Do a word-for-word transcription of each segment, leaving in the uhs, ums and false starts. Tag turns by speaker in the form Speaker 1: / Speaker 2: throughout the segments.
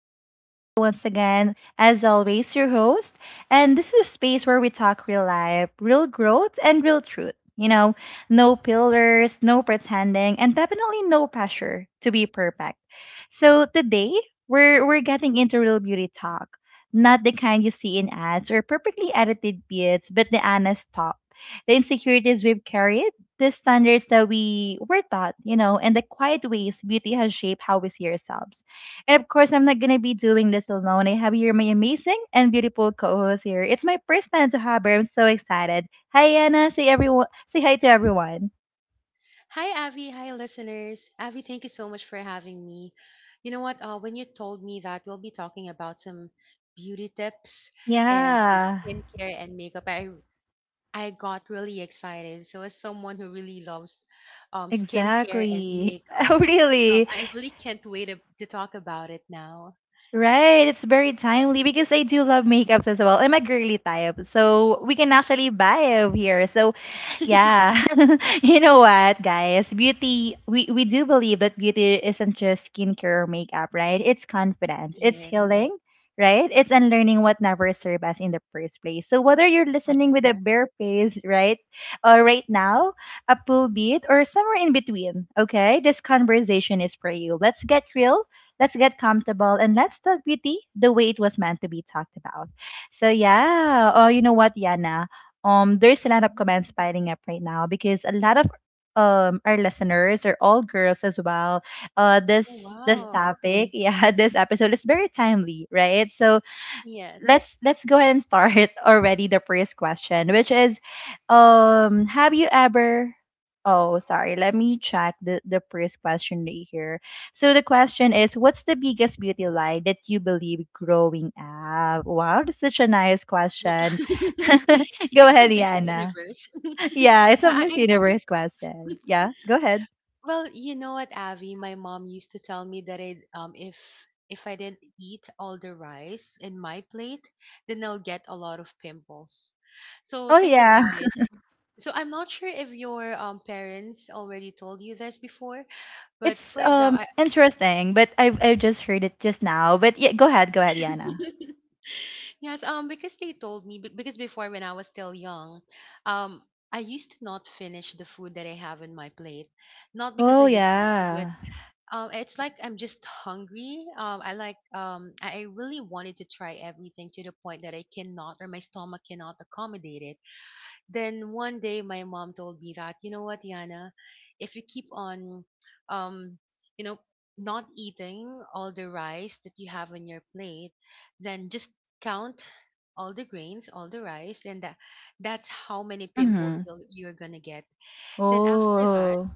Speaker 1: This is Abby once again, as always, your host, and this is a space where we talk real life, real growth, and real truth. You know, no pillars, no pretending, and definitely no pressure to be perfect. So today we're we're getting into real beauty talk. Not the kind you see in ads or perfectly edited bits, but the honest talk. The insecurities we've carried, the standards that we were taught, you know, and the quiet ways beauty has shaped how we see ourselves. And of course, I'm not going to be doing this alone. I have here my amazing and beautiful co-host here. It's my first time to have her. I'm so excited. Hi, Anna. Say everyone. Say hi to everyone.
Speaker 2: Hi, Avi. Hi, listeners. Avi, thank you so much for having me. You know what? Uh, when you told me that we'll be talking about some beauty tips and say
Speaker 1: Yeah,
Speaker 2: skincare and makeup, I I got really excited. So, as someone who really loves um, skincare and
Speaker 1: exactly. Oh,
Speaker 2: makeup, um,
Speaker 1: really?
Speaker 2: I really can't wait to, to talk about it now.
Speaker 1: Right, it's very timely because I do love makeups as well. I'm a girly type, so we can actually buy over here. So, yeah, you know what, guys? Beauty, we, we do believe that beauty isn't just skincare or makeup, right? It's confidence, it's
Speaker 2: Yes,
Speaker 1: healing, right? It's unlearning what never served us in the first place. So, whether you're
Speaker 2: that's
Speaker 1: listening with a
Speaker 2: true.
Speaker 1: bare face, right, or right now, a pool beat, or somewhere in between, okay, this conversation is for you. Let's get real. Let's get comfortable and let's talk beauty the way it was meant to be talked about. So yeah. Oh, you know what, Yana? Um, there's a lot of
Speaker 2: Mhm.
Speaker 1: comments piling up right now because a lot of um our listeners are all girls as well. Uh,
Speaker 2: Oh,
Speaker 1: this this
Speaker 2: wow.
Speaker 1: topic, yeah, this episode is very timely, right? So
Speaker 2: Yes.
Speaker 1: let's let's go ahead and start already the first question, which is, um, have you ever? Oh, sorry. Let me check the the first question right here. So the question is, what's the biggest beauty lie that you believe growing up? Wow, that's such a nice
Speaker 2: No.
Speaker 1: question.
Speaker 2: It's
Speaker 1: Go
Speaker 2: like for
Speaker 1: ahead,
Speaker 2: Miss
Speaker 1: Yana.
Speaker 2: Universe.
Speaker 1: Yeah, it's a
Speaker 2: Yeah,
Speaker 1: Miss
Speaker 2: I,
Speaker 1: Universe question. Yeah, go ahead.
Speaker 2: Well, you know what, Avi? My mom used to tell me that it, um, if if I didn't eat all the rice in my plate, then I'll get a lot of pimples. So
Speaker 1: Oh
Speaker 2: think
Speaker 1: yeah,
Speaker 2: about it. So I'm not sure if your um, parents already told you this before, but
Speaker 1: it's
Speaker 2: for
Speaker 1: um
Speaker 2: example, I,
Speaker 1: interesting, but I I just heard it just now. But yeah, go ahead, go ahead, Yana.
Speaker 2: yes, um, because they told me be- because before when I was still young, um, I used to not finish the food that I have in my plate, not because
Speaker 1: Oh
Speaker 2: I just want to.
Speaker 1: yeah.
Speaker 2: Um, it's like I'm just hungry. Um, I like um, I I really wanted to try everything to the point that I cannot or my stomach cannot accommodate it. Then one day my mom told me that, you know what, Yana, if you keep on, um, you know, not eating all the rice that you have on your plate, then just count all the grains, all the rice, and that that's how many pimples
Speaker 1: Mhm.
Speaker 2: you'll, you're gonna get. Then after that,
Speaker 1: Oh,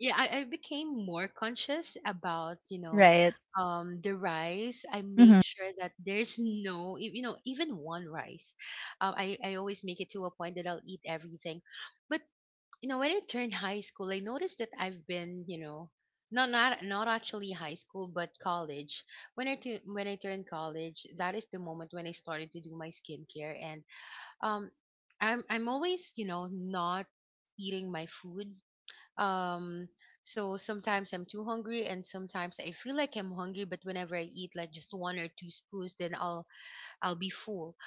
Speaker 2: yeah, I, I became more conscious about, you know,
Speaker 1: right.
Speaker 2: um the rice. I make
Speaker 1: Mhm.
Speaker 2: sure that there's no y- you know, even one rice. um, I, I always make it to a point that I'll eat everything. But you know, when I turned high school, I noticed that I've been, you know, not not not actually high school, but college. When I tu- when I turned college, that is the moment when I started to do my skincare, and um, I'm I'm always, you know, not eating my food. um, so sometimes I'm too hungry, and sometimes I feel like I'm hungry, but whenever I eat like just one or two spoons, then I'll I'll be full.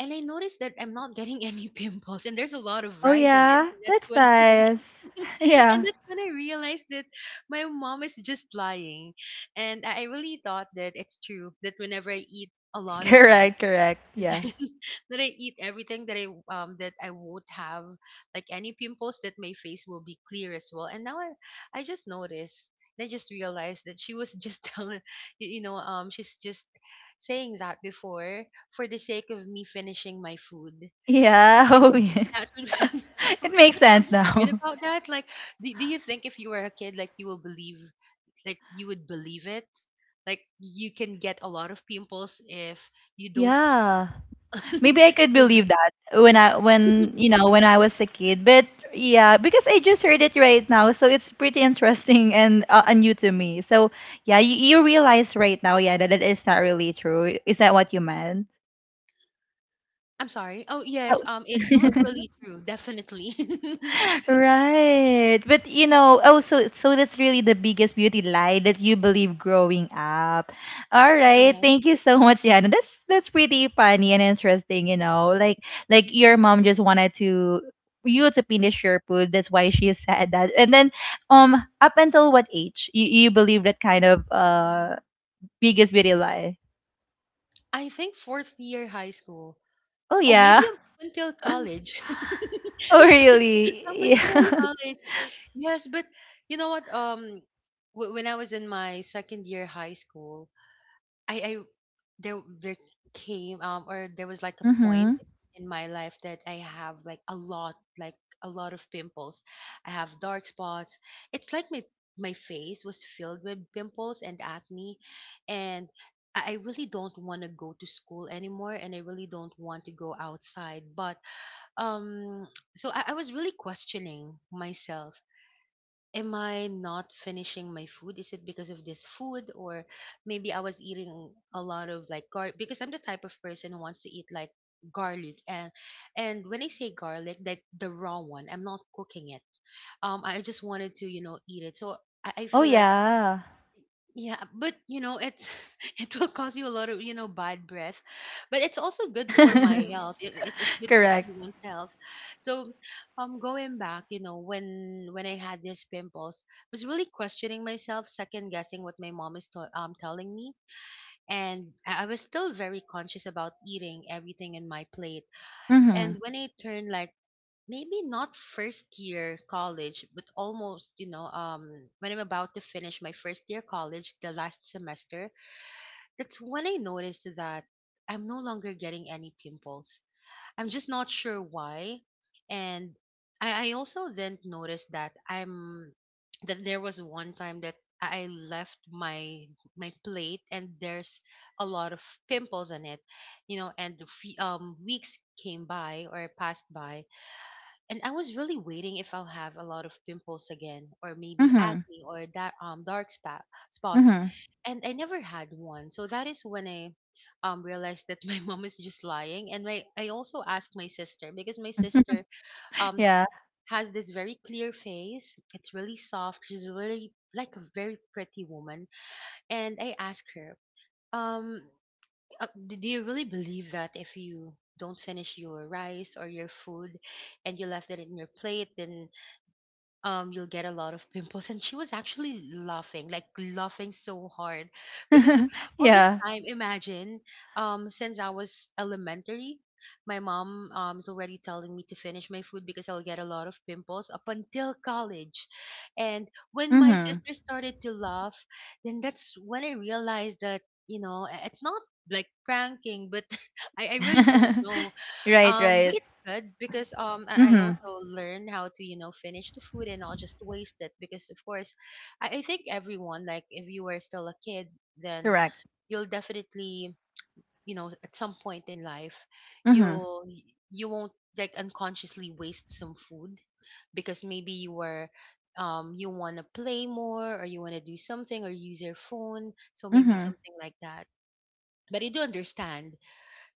Speaker 2: And I noticed that I'm not getting any pimples, and there's a lot of
Speaker 1: Oh
Speaker 2: rice in it,
Speaker 1: yeah,
Speaker 2: and that's
Speaker 1: that's
Speaker 2: when
Speaker 1: nice.
Speaker 2: and
Speaker 1: Yeah.
Speaker 2: that's when I realized that my mom is just lying, and I I really thought that it's true that whenever I eat a lot of rice
Speaker 1: Correct, correct. Yeah.
Speaker 2: that I eat everything, that I um that I won't have like any pimples, that my face will be clear as well. And now I I just noticed and I just realized that she was just telling you you know, um she's just saying that before for the sake of me finishing my food.
Speaker 1: Yeah.
Speaker 2: I
Speaker 1: Oh
Speaker 2: think
Speaker 1: yeah.
Speaker 2: that would
Speaker 1: It makes
Speaker 2: but have
Speaker 1: sense
Speaker 2: you read
Speaker 1: now.
Speaker 2: about that? Like do, do you think if you were a kid like you will believe, like you would believe it? Like you can get a lot of pimples if you don't
Speaker 1: Yeah. Maybe I could
Speaker 2: you're
Speaker 1: believe
Speaker 2: right.
Speaker 1: that when I when you know when I was a kid, but yeah, because I just heard it right now, so it's pretty interesting and uh, and new to me. So yeah, you, you realize right now, yeah, that it is not really true. Is that what you meant?
Speaker 2: I'm sorry. Oh,
Speaker 1: Oh.
Speaker 2: yes. Um, it's not really true. Definitely.
Speaker 1: Right. But you know, oh so so that's really the biggest beauty lie that you believe growing up. All right.
Speaker 2: Yeah.
Speaker 1: Thank you so much, Yana. That's that's pretty funny and interesting, you know. Like like your mom just wanted to you to finish your food. That's why she said that. And then um up until what age you, you believe that kind of uh biggest beauty lie?
Speaker 2: I think fourth year high school.
Speaker 1: Oh
Speaker 2: Oh, maybe
Speaker 1: yeah.
Speaker 2: up until college.
Speaker 1: Oh
Speaker 2: up, un- up
Speaker 1: really?
Speaker 2: until
Speaker 1: Yeah.
Speaker 2: college. Yes, but you know what? Um, w- when I was in my second year high school, I I there there came um or there was like a point
Speaker 1: Mhm.
Speaker 2: in my life that I have like a lot like a lot of pimples. I have dark spots. It's like my my face was filled with pimples and acne, and I I really don't want to go to school anymore, and I really don't want to go outside. But um so I, I was really questioning myself, am I not finishing my food? Is it because of this food or maybe I was eating a lot of like gar, because I'm the type of person who wants to eat like garlic, and and when I say garlic, like the raw one, I'm not cooking it. Um, I just wanted to, you know, eat it. So I, I
Speaker 1: Oh
Speaker 2: feel like
Speaker 1: yeah.
Speaker 2: yeah, but you know, it's it will cause you a lot of, you know, bad breath. But it's also good for my health. It, it it's good for
Speaker 1: Correct.
Speaker 2: everyone's health. So, um going back, you know, when when I had these pimples, I was really questioning myself, second guessing what my mom is to, um telling me, and I I was still very conscious about eating everything in my plate.
Speaker 1: Mm-hmm.
Speaker 2: And when I turned like maybe not first year college, but almost, you know, um, when I'm about to finish my first year college, the last semester, that's when I noticed that I'm no longer getting any pimples. I'm just not sure why. And I, I also then noticed that I'm that there was one time that I left my my plate and there's a lot of pimples on it, you know, and the fe- um weeks came by or passed by, and I was really waiting if I'll have a lot of pimples again, or maybe
Speaker 1: Mm-hmm.
Speaker 2: acne, or that um dark spot spots,
Speaker 1: Mhm.
Speaker 2: and I never had one. So that is when I um realized that my mom is just lying. And my I also asked my sister, because my sister um
Speaker 1: Yeah.
Speaker 2: has this very clear face. It's really soft. She's really like a very pretty woman. And I asked her, um, uh, d- do you really believe that if you don't finish your rice or your food and you left it in your plate, then um you'll get a lot of pimples? And she was actually laughing, like laughing so hard, because all this
Speaker 1: Yeah.
Speaker 2: time, imagine, um since I was elementary, my mom um is already telling me to finish my food because I'll get a lot of pimples, up until college. And when my
Speaker 1: Mhm.
Speaker 2: sister started to laugh, then that's when I realized that, you know, i- it's not like pranking, but I, I really don't know.
Speaker 1: Right,
Speaker 2: Um
Speaker 1: right.
Speaker 2: but good, because um I, I
Speaker 1: Mhm.
Speaker 2: also learn how to, you know, finish the food and not just waste it, because of course I, I think everyone, like if you were still a kid, then
Speaker 1: Correct.
Speaker 2: you'll definitely, you know, at some point in life,
Speaker 1: Mhm.
Speaker 2: you'll you won't like unconsciously waste some food, because maybe you were, um you want to play more or you want to do something or use your phone, so maybe
Speaker 1: Mhm.
Speaker 2: something like that. But I do understand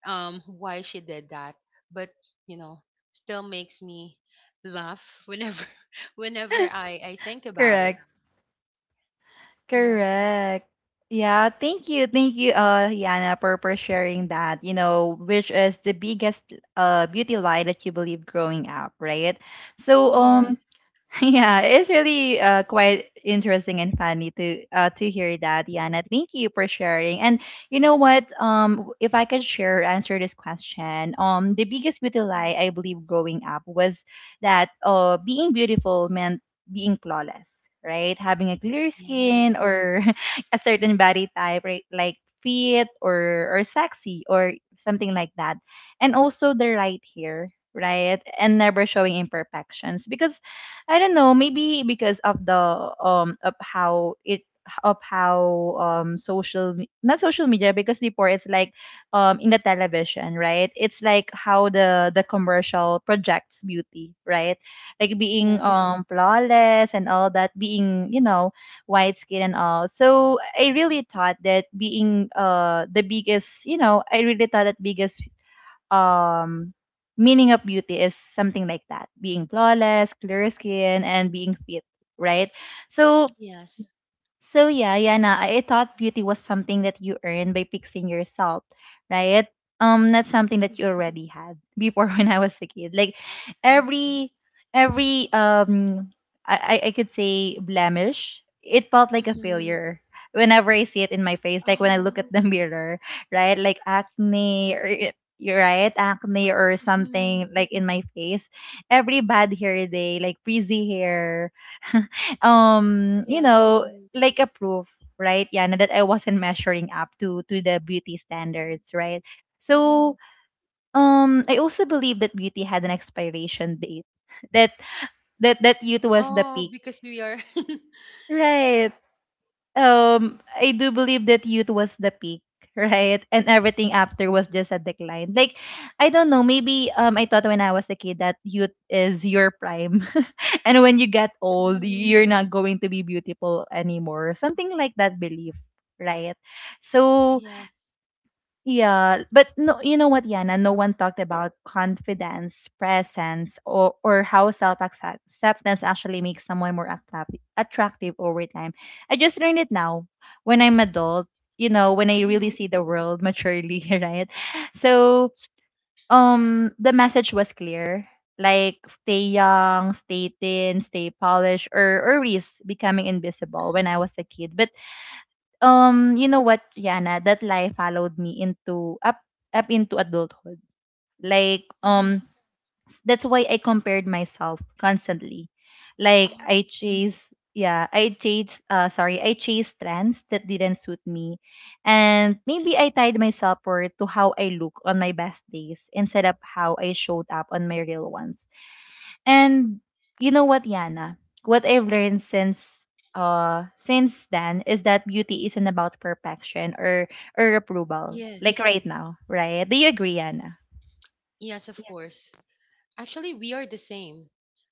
Speaker 2: um why she did that. But you know, still makes me laugh whenever whenever i i think about it.
Speaker 1: Correct.
Speaker 2: Yeah.
Speaker 1: Correct. Yeah, thank you. Thank you, uh, Yana, for, for sharing that, you know, which is the biggest uh beauty lie that you believe growing up, right? So, um,
Speaker 2: Yes.
Speaker 1: yeah, it's really uh, quite interesting and funny to uh, to hear that, Yana. Thank you for sharing. And you know what? Um, if I could share answer this question, um, the biggest beauty
Speaker 2: Mhm.
Speaker 1: lie I believe growing up was that uh, being beautiful meant being flawless, right? Having a clear
Speaker 2: Yes.
Speaker 1: skin or a certain body type, right? Like fit or or sexy or something like that, and also the right hair, right? And never showing imperfections because I don't know, maybe because of the um of how it of how um social me- not social media because before it's like um in the television, right? It's like how the the commercial projects beauty, right? Like being
Speaker 2: Yes.
Speaker 1: um flawless and all that, being you know white skin and all. So I really thought that being uh the biggest you know I really thought that biggest um meaning of beauty is something like that, being flawless, clear skin and being fit, right? So
Speaker 2: Yes.
Speaker 1: so yeah, Yana, I I thought beauty was something that you earned by fixing yourself, right? Um, not something
Speaker 2: Mhm.
Speaker 1: that you already had before when I was a kid. Like every every um I, I I could say blemish, it felt like a
Speaker 2: Mhm.
Speaker 1: failure whenever I see it in my face, like when I
Speaker 2: Oh.
Speaker 1: look at the mirror, right? Like acne or y- you're right, acne or
Speaker 2: Mhm.
Speaker 1: something like in my face. Every bad hair day, like frizzy hair, um you
Speaker 2: Yes.
Speaker 1: know
Speaker 2: Mhm.
Speaker 1: like a proof, right, Yana, that I wasn't measuring up to to the beauty standards, right?
Speaker 2: Mhm.
Speaker 1: So um I also believe that beauty had an expiration date. That that that youth was the
Speaker 2: Oh,
Speaker 1: peak.
Speaker 2: because we are
Speaker 1: Right. Um, I do believe that youth was the peak, right? And everything after was just a decline. Like I don't know, maybe um I thought when I was a kid that youth is your prime and when you get old,
Speaker 2: mhm.
Speaker 1: you're not going to be beautiful anymore. Something like that belief, right? So,
Speaker 2: Yes.
Speaker 1: yeah, but no, you know what, Yana? No one talked about confidence, presence, or, or how self acceptance actually makes someone more attractive, attractive over time. I just learned it now when I'm adult, you know, when I really
Speaker 2: Mhm.
Speaker 1: see the world maturely, right? So, um the message was clear, like stay young, stay thin, stay polished, or or risk becoming invisible when
Speaker 2: Mhm.
Speaker 1: I was a kid. But um you know what, Yana, that lie followed me into up up into adulthood. Like
Speaker 2: Mhm.
Speaker 1: um that's why I compared myself constantly. Like
Speaker 2: Oh.
Speaker 1: I chase yeah, I chase uh sorry, I chase trends that didn't suit me. And maybe I tied myself or to how I look on my best days instead of how I showed up on my real ones. And you know what, Yana? What I've learned since uh since then is that beauty isn't about perfection or or approval. Like
Speaker 2: Yes,
Speaker 1: right now, right? Do you agree, Yana?
Speaker 2: yes, of
Speaker 1: Yeah.
Speaker 2: course. Actually, we are the same.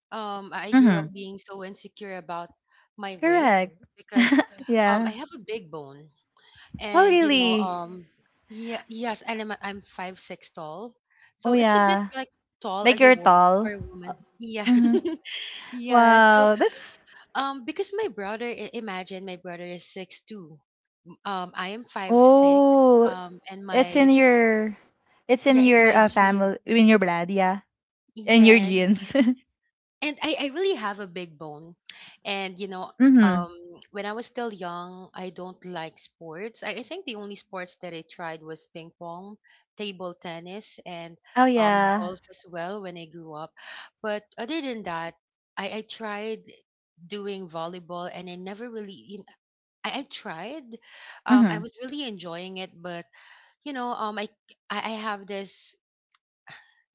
Speaker 2: um I grew
Speaker 1: Mm-hmm.
Speaker 2: up being so insecure about my weight,
Speaker 1: Correct.
Speaker 2: because um I
Speaker 1: Yeah.
Speaker 2: have a big bone,
Speaker 1: Oh,
Speaker 2: and you know,
Speaker 1: really?
Speaker 2: um yeah, yes, and I'm I'm five six tall,
Speaker 1: Oh,
Speaker 2: so it's a bit
Speaker 1: yeah.
Speaker 2: like tall
Speaker 1: Like
Speaker 2: as a
Speaker 1: you're
Speaker 2: woman, for
Speaker 1: tall.
Speaker 2: a woman, yeah.
Speaker 1: Mm-hmm.
Speaker 2: Yeah, so
Speaker 1: Wow, that's
Speaker 2: um because my brother, i- imagine, my brother is six two, um I am five six,
Speaker 1: oh,
Speaker 2: um and
Speaker 1: it's
Speaker 2: my
Speaker 1: in your, it's in
Speaker 2: yeah, in
Speaker 1: your
Speaker 2: my
Speaker 1: uh,
Speaker 2: jeans,
Speaker 1: family, in your blood, yeah, in your
Speaker 2: yes.
Speaker 1: genes.
Speaker 2: And I, I really have a big bone, and you know,
Speaker 1: Mm-hmm.
Speaker 2: um when I was still young, I don't like sports. I, I think the only sports that I tried was ping pong, table tennis, and
Speaker 1: Oh
Speaker 2: um Mm,
Speaker 1: yeah.
Speaker 2: golf as well when I grew up. But other than that, i, I tried doing volleyball, and I never really, you know, I, I tried, um I
Speaker 1: Mm-hmm.
Speaker 2: was really enjoying it, but you know, um i i I have this,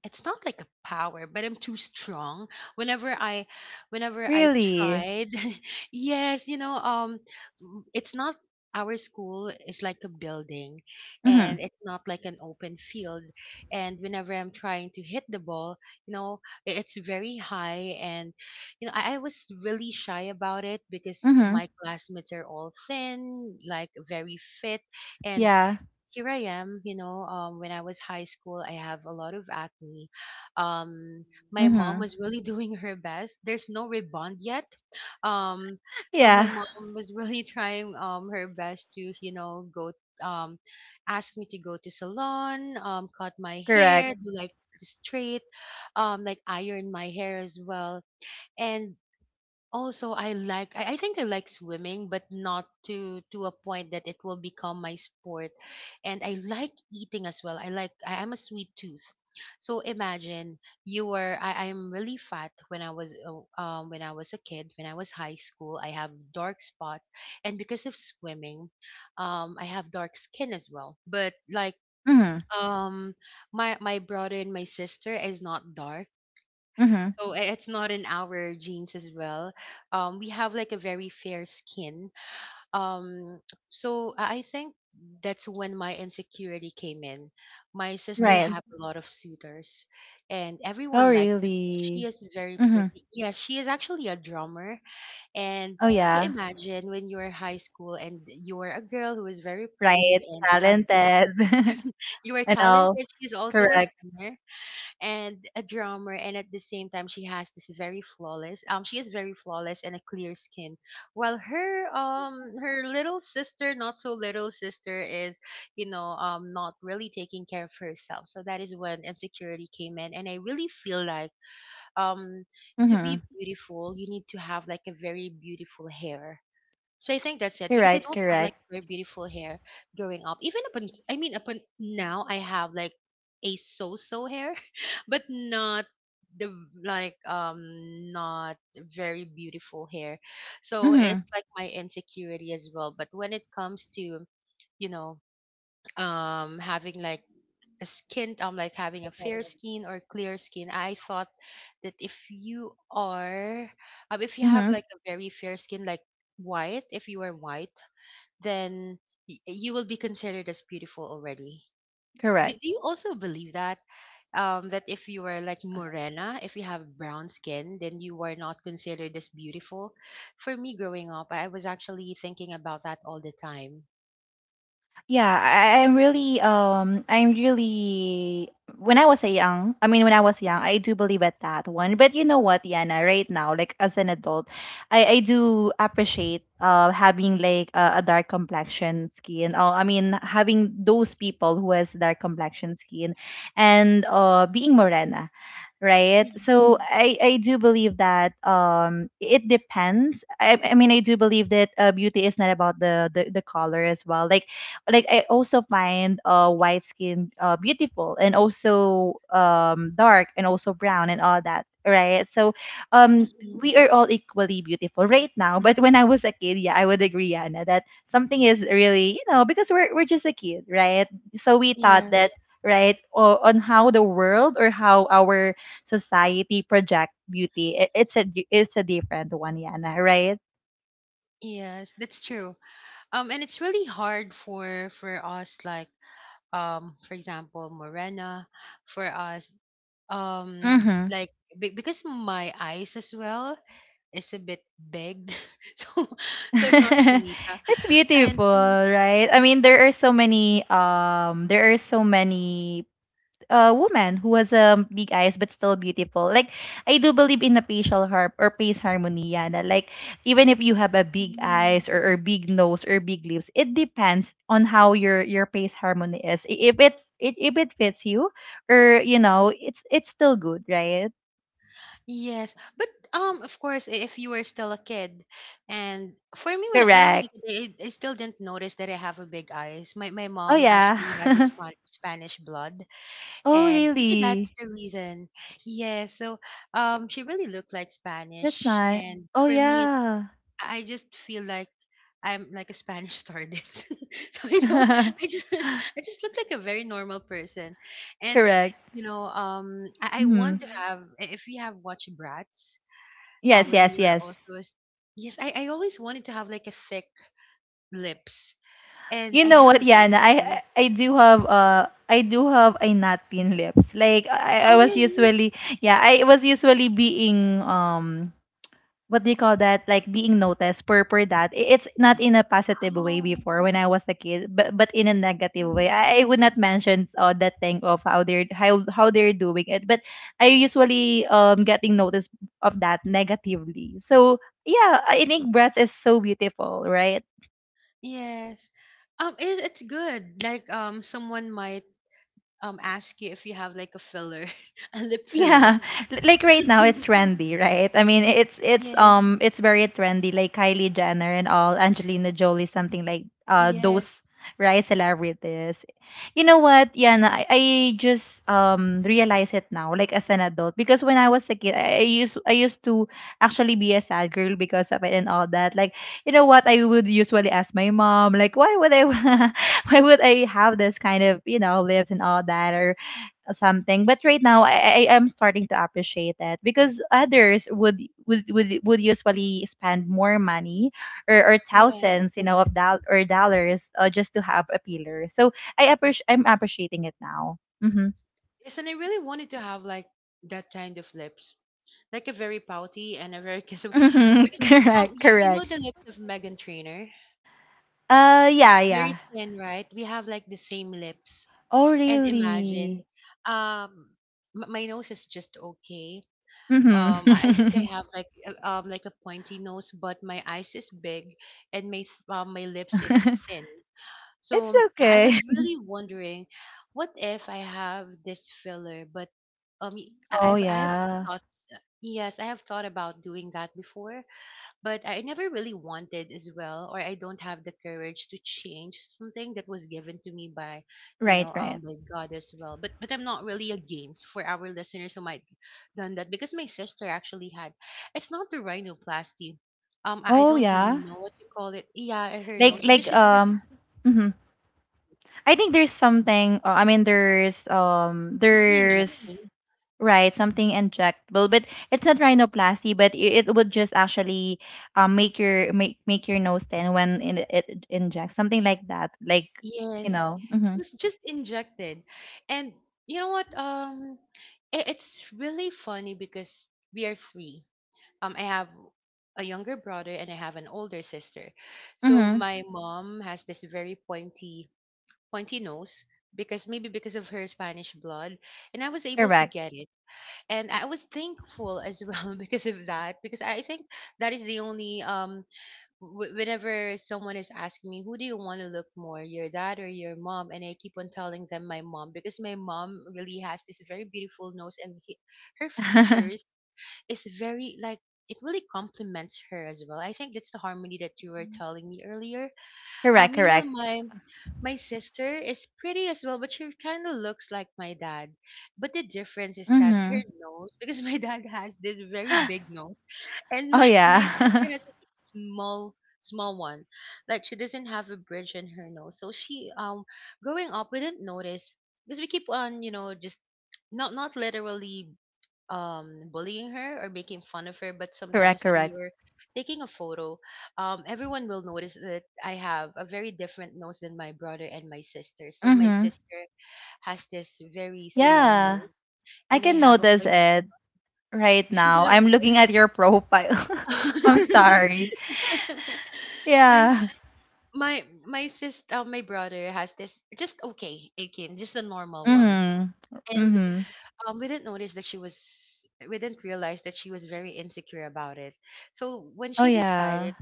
Speaker 2: it's not like a power, but I'm too strong whenever I whenever I
Speaker 1: Really.
Speaker 2: tried. Yes, you know, um m- it's not, our school is like a building, and
Speaker 1: Mm-hmm.
Speaker 2: it's not like an open field, and whenever I'm trying to hit the ball, you know, i- it's very high. And you know, i, I was really shy about it, because
Speaker 1: Mm-hmm.
Speaker 2: my classmates are all thin, like very fit. And
Speaker 1: Yeah.
Speaker 2: here I am, you know, um, when I was high school, I have a lot of acne. Um, my
Speaker 1: Mm-hmm.
Speaker 2: mom was really doing her best. There's no rebound yet. Um, so my
Speaker 1: Yeah.
Speaker 2: mom was really trying um her best to, you know, go um ask me to go to salon, um cut my
Speaker 1: Correct.
Speaker 2: hair, do like straight, um like iron my hair as well. And also, I like I I think I like swimming, but not to to a point that it will become my sport. And I like eating as well. I like I, I'm a sweet tooth. So imagine you were I, I'm really fat when I was uh, um when I was a kid, when I was high school. I have dark spots and because of swimming, um I have dark skin as well. But like
Speaker 1: Mm-hmm.
Speaker 2: um my my brother and my sister is not dark,
Speaker 1: Mm-hmm.
Speaker 2: so i- it's not in our genes as well. Um, we have like a very fair skin. Um, so I I think that's when my insecurity came in. My sister
Speaker 1: Right.
Speaker 2: had a lot of suitors, and
Speaker 1: Oh
Speaker 2: everyone likes her because she
Speaker 1: really.
Speaker 2: is very
Speaker 1: Mm-hmm.
Speaker 2: pretty. Yes, she is actually a drummer. And
Speaker 1: Oh
Speaker 2: so
Speaker 1: yeah.
Speaker 2: imagine when you're high school and you're a girl who is very pretty
Speaker 1: Right.
Speaker 2: and you have like,
Speaker 1: Talented
Speaker 2: you are
Speaker 1: and all.
Speaker 2: talented. She's also a
Speaker 1: Correct.
Speaker 2: singer and a drummer, and at the same time she has this very flawless um she is very flawless and a clear skin, while her um her little sister, not so little sister, is you know um not really taking care of herself. So that is when insecurity came in, and I really feel like um to
Speaker 1: Mhm.
Speaker 2: be beautiful you need to have like a very beautiful hair. So I think that's it,
Speaker 1: You're
Speaker 2: because I
Speaker 1: right.
Speaker 2: don't have like
Speaker 1: Correct.
Speaker 2: very beautiful hair growing up. Even up until, I mean, up un- now I have like a so-so hair, but not the, like, um not very beautiful hair. So it's
Speaker 1: Mhm.
Speaker 2: like my insecurity as well. But when it comes to you know um having like skin, um like having a fair skin or clear skin, I thought that if you are um, if you have
Speaker 1: Mhm.
Speaker 2: like a very fair skin, like white, if you are white, then y- you will be considered as beautiful already. do,
Speaker 1: Correct.
Speaker 2: do you also believe that um that if you are like morena, if you have brown skin, then you are not considered as beautiful? For me growing up, I was actually thinking about that all the time.
Speaker 1: Yeah, I, I'm really um I'm really when I was a young, I mean when I was young, I do believe at that one. But you know what, Yana, right now, like as an adult, I I do appreciate uh having like a, a dark complexion skin. Oh, I mean having those people who has dark complexion skin and uh being morena, right? So mhm. i i do believe that um it depends. i, I mean I do believe that uh, beauty is not about the, the the color as well. like like I also find uh white skin uh beautiful and also um dark and also brown and all that, right? So um
Speaker 2: Mhm.
Speaker 1: we are all equally beautiful right now. But when I was a kid, yeah, I would agree, Anna, that something is really, you know, because we're we're just a kid, right? So we thought
Speaker 2: Yes,
Speaker 1: that right o- on how the world or how our society project beauty, it, it's a it's a different one, Yana, right?
Speaker 2: yes, that's true. Um and it's really hard for for us like um for example morena, for us, um
Speaker 1: Mm-hmm.
Speaker 2: like be- because my eyes as well is a bit big, so so I'm not chinita.
Speaker 1: It's
Speaker 2: And
Speaker 1: beautiful, right? I mean, there are so many um there are so many uh women who has um big eyes but still beautiful. Like I do believe in a facial harp or face harmony, Yana. Like even if you have a big
Speaker 2: mm,
Speaker 1: eyes, or, or big nose or big lips, it depends on how your your face harmony is. I- If it, it if it fits you or you know, it's it's still good, right?
Speaker 2: yes, but um of course, i- if you were still a kid. And for me when, I- when I was a
Speaker 1: Correct.
Speaker 2: kid, I, I still didn't notice that I have a big eyes. My my
Speaker 1: Oh
Speaker 2: mom
Speaker 1: yeah.
Speaker 2: actually has a Span- spanish blood,
Speaker 1: Oh
Speaker 2: and maybe that's
Speaker 1: really?
Speaker 2: the reason. Yeah, so um she really looked like
Speaker 1: That's
Speaker 2: Spanish,
Speaker 1: not.
Speaker 2: and
Speaker 1: Oh
Speaker 2: for me it's,
Speaker 1: yeah.
Speaker 2: I just feel like I'm like a Spanish student. So I don't, I just I just look like a very normal person. And
Speaker 1: Correct.
Speaker 2: you know, um I, I want to
Speaker 1: Hmm.
Speaker 2: have, i- if you have watched Bratz, um
Speaker 1: Yes,
Speaker 2: when
Speaker 1: yes,
Speaker 2: you were
Speaker 1: yes.
Speaker 2: also a s- yes, I, I always wanted to have like a thick lips, and
Speaker 1: You
Speaker 2: I
Speaker 1: know
Speaker 2: have
Speaker 1: what,
Speaker 2: a very
Speaker 1: Yana?
Speaker 2: thin.
Speaker 1: I I do have uh I do have a not thin lips. Like I, I
Speaker 2: Oh
Speaker 1: was
Speaker 2: really?
Speaker 1: usually yeah I was usually being um what do you call that like being noticed per per that i- it's not in a positive way
Speaker 2: Oh.
Speaker 1: before when I was a kid, but but in a negative way i, I would not mention uh, that thing of how they're how, how they're doing it, but I usually um getting noticed of that negatively. So yeah I think breath is so beautiful, right?
Speaker 2: Yes. Um, it, it's good. Like, um, someone might um ask you if you have like a filler, a lip filler.
Speaker 1: Yeah, like right now it's trendy, right? I mean, it's it's
Speaker 2: Yeah,
Speaker 1: um it's very trendy, like Kylie Jenner and all, Angelina Jolie, something like uh
Speaker 2: yes,
Speaker 1: those right celebrities. You know what, Yana, I, I just um realize it now, like as an adult, because when I was a kid, I, I used I used to actually be a sad girl because of it and all that. Like, you know what, I would usually ask my mom, like, why would I, why would I have this kind of you know lives and all that, or something. But right now i i am starting to appreciate it because others would would would, would usually spend more money, or, or
Speaker 2: yes.
Speaker 1: thousands you know of doll or dollars, uh, just to have a pillar. So i appreciate I'm appreciating it now. Mm-hmm.
Speaker 2: Yes, and I really wanted to have like that kind of lips, like a very pouty and a very kissable. Because
Speaker 1: Mm-hmm.
Speaker 2: um,
Speaker 1: correct
Speaker 2: you, you know
Speaker 1: correct
Speaker 2: the lips of Megan Trainor.
Speaker 1: uh
Speaker 2: It's
Speaker 1: Yeah, yeah.
Speaker 2: very thin, right? We have like the same lips.
Speaker 1: Oh,
Speaker 2: And
Speaker 1: really?
Speaker 2: imagine, um, m- my nose is just okay. Um, I, I think
Speaker 1: Mm-hmm.
Speaker 2: I have like uh, um like a pointy nose, but my eyes is big, and my th- uh, my lips is thin. So
Speaker 1: It's
Speaker 2: um, I
Speaker 1: okay.
Speaker 2: was really wondering, what if I have this filler? But um, y- I-
Speaker 1: Oh
Speaker 2: I've I have
Speaker 1: yeah.
Speaker 2: thoughts. Yes, I have thought about doing that before, but I never really wanted as well, or I don't have the courage to change something that was given to me by, you
Speaker 1: Right,
Speaker 2: know, um,
Speaker 1: right.
Speaker 2: by God as well. But but I'm not really against for our listeners who might done that, because my sister actually had. It's not the rhinoplasty. Um, I I
Speaker 1: Oh
Speaker 2: don't
Speaker 1: yeah.
Speaker 2: know what you call it. Yeah, her
Speaker 1: Like
Speaker 2: nose because
Speaker 1: like
Speaker 2: she doesn't.
Speaker 1: um I think there's something. Uh, I mean, there's um,
Speaker 2: Just the
Speaker 1: there's
Speaker 2: injection.
Speaker 1: right something injectable, but it's not rhinoplasty, but i- it would just actually um make your make make your nose thin when it, it injects something like that. Like you
Speaker 2: Yes,
Speaker 1: know.
Speaker 2: it
Speaker 1: Mhm.
Speaker 2: was just injected, and you know what? Um, it, it's really funny because we are three. um I have a younger brother and I have an older sister. So
Speaker 1: Mhm.
Speaker 2: my mom has this very pointy pointy nose because maybe because of her Spanish blood, and I was able to
Speaker 1: Correct.
Speaker 2: get it. And I was thankful as well because of that, because I think that is the only um w- whenever someone is asking me, who do you want to look more, your dad or your mom, and I keep on telling them my mom, because my mom really has this very beautiful nose. And he- her features is very like, it really complements her as well. I think that's the harmony that you were telling me earlier. Uh,
Speaker 1: Correct.
Speaker 2: meanwhile,
Speaker 1: Correct.
Speaker 2: my my sister is pretty as well, but she kind of looks like my dad. But the difference is that her
Speaker 1: Mhm.
Speaker 2: nose, because my dad has this very big nose, and
Speaker 1: Oh
Speaker 2: my my
Speaker 1: yeah.
Speaker 2: sister has a small small one. Like she doesn't have a bridge in her nose, so she um growing up we didn't notice, because we keep on, you know, just not, not literally um bullying her or making fun of her, but
Speaker 1: Correct.
Speaker 2: sometimes when we
Speaker 1: Correct.
Speaker 2: were taking a photo, um everyone will notice that I have a very different nose than my brother and my sister. So my
Speaker 1: Mhm.
Speaker 2: sister has this very small
Speaker 1: Yeah,
Speaker 2: nose
Speaker 1: I
Speaker 2: and I
Speaker 1: can
Speaker 2: have a
Speaker 1: notice
Speaker 2: pointy
Speaker 1: it
Speaker 2: nose.
Speaker 1: right now.
Speaker 2: So
Speaker 1: I'm looking at your profile. I'm sorry.
Speaker 2: and
Speaker 1: Yeah.
Speaker 2: my my sister my brother has this just okay, again, just a normal one.
Speaker 1: Mhm.
Speaker 2: And
Speaker 1: Mhm.
Speaker 2: um, we didn't notice that she was, we didn't realize that she was very insecure about it. So when
Speaker 1: Oh,
Speaker 2: she
Speaker 1: yeah.
Speaker 2: decided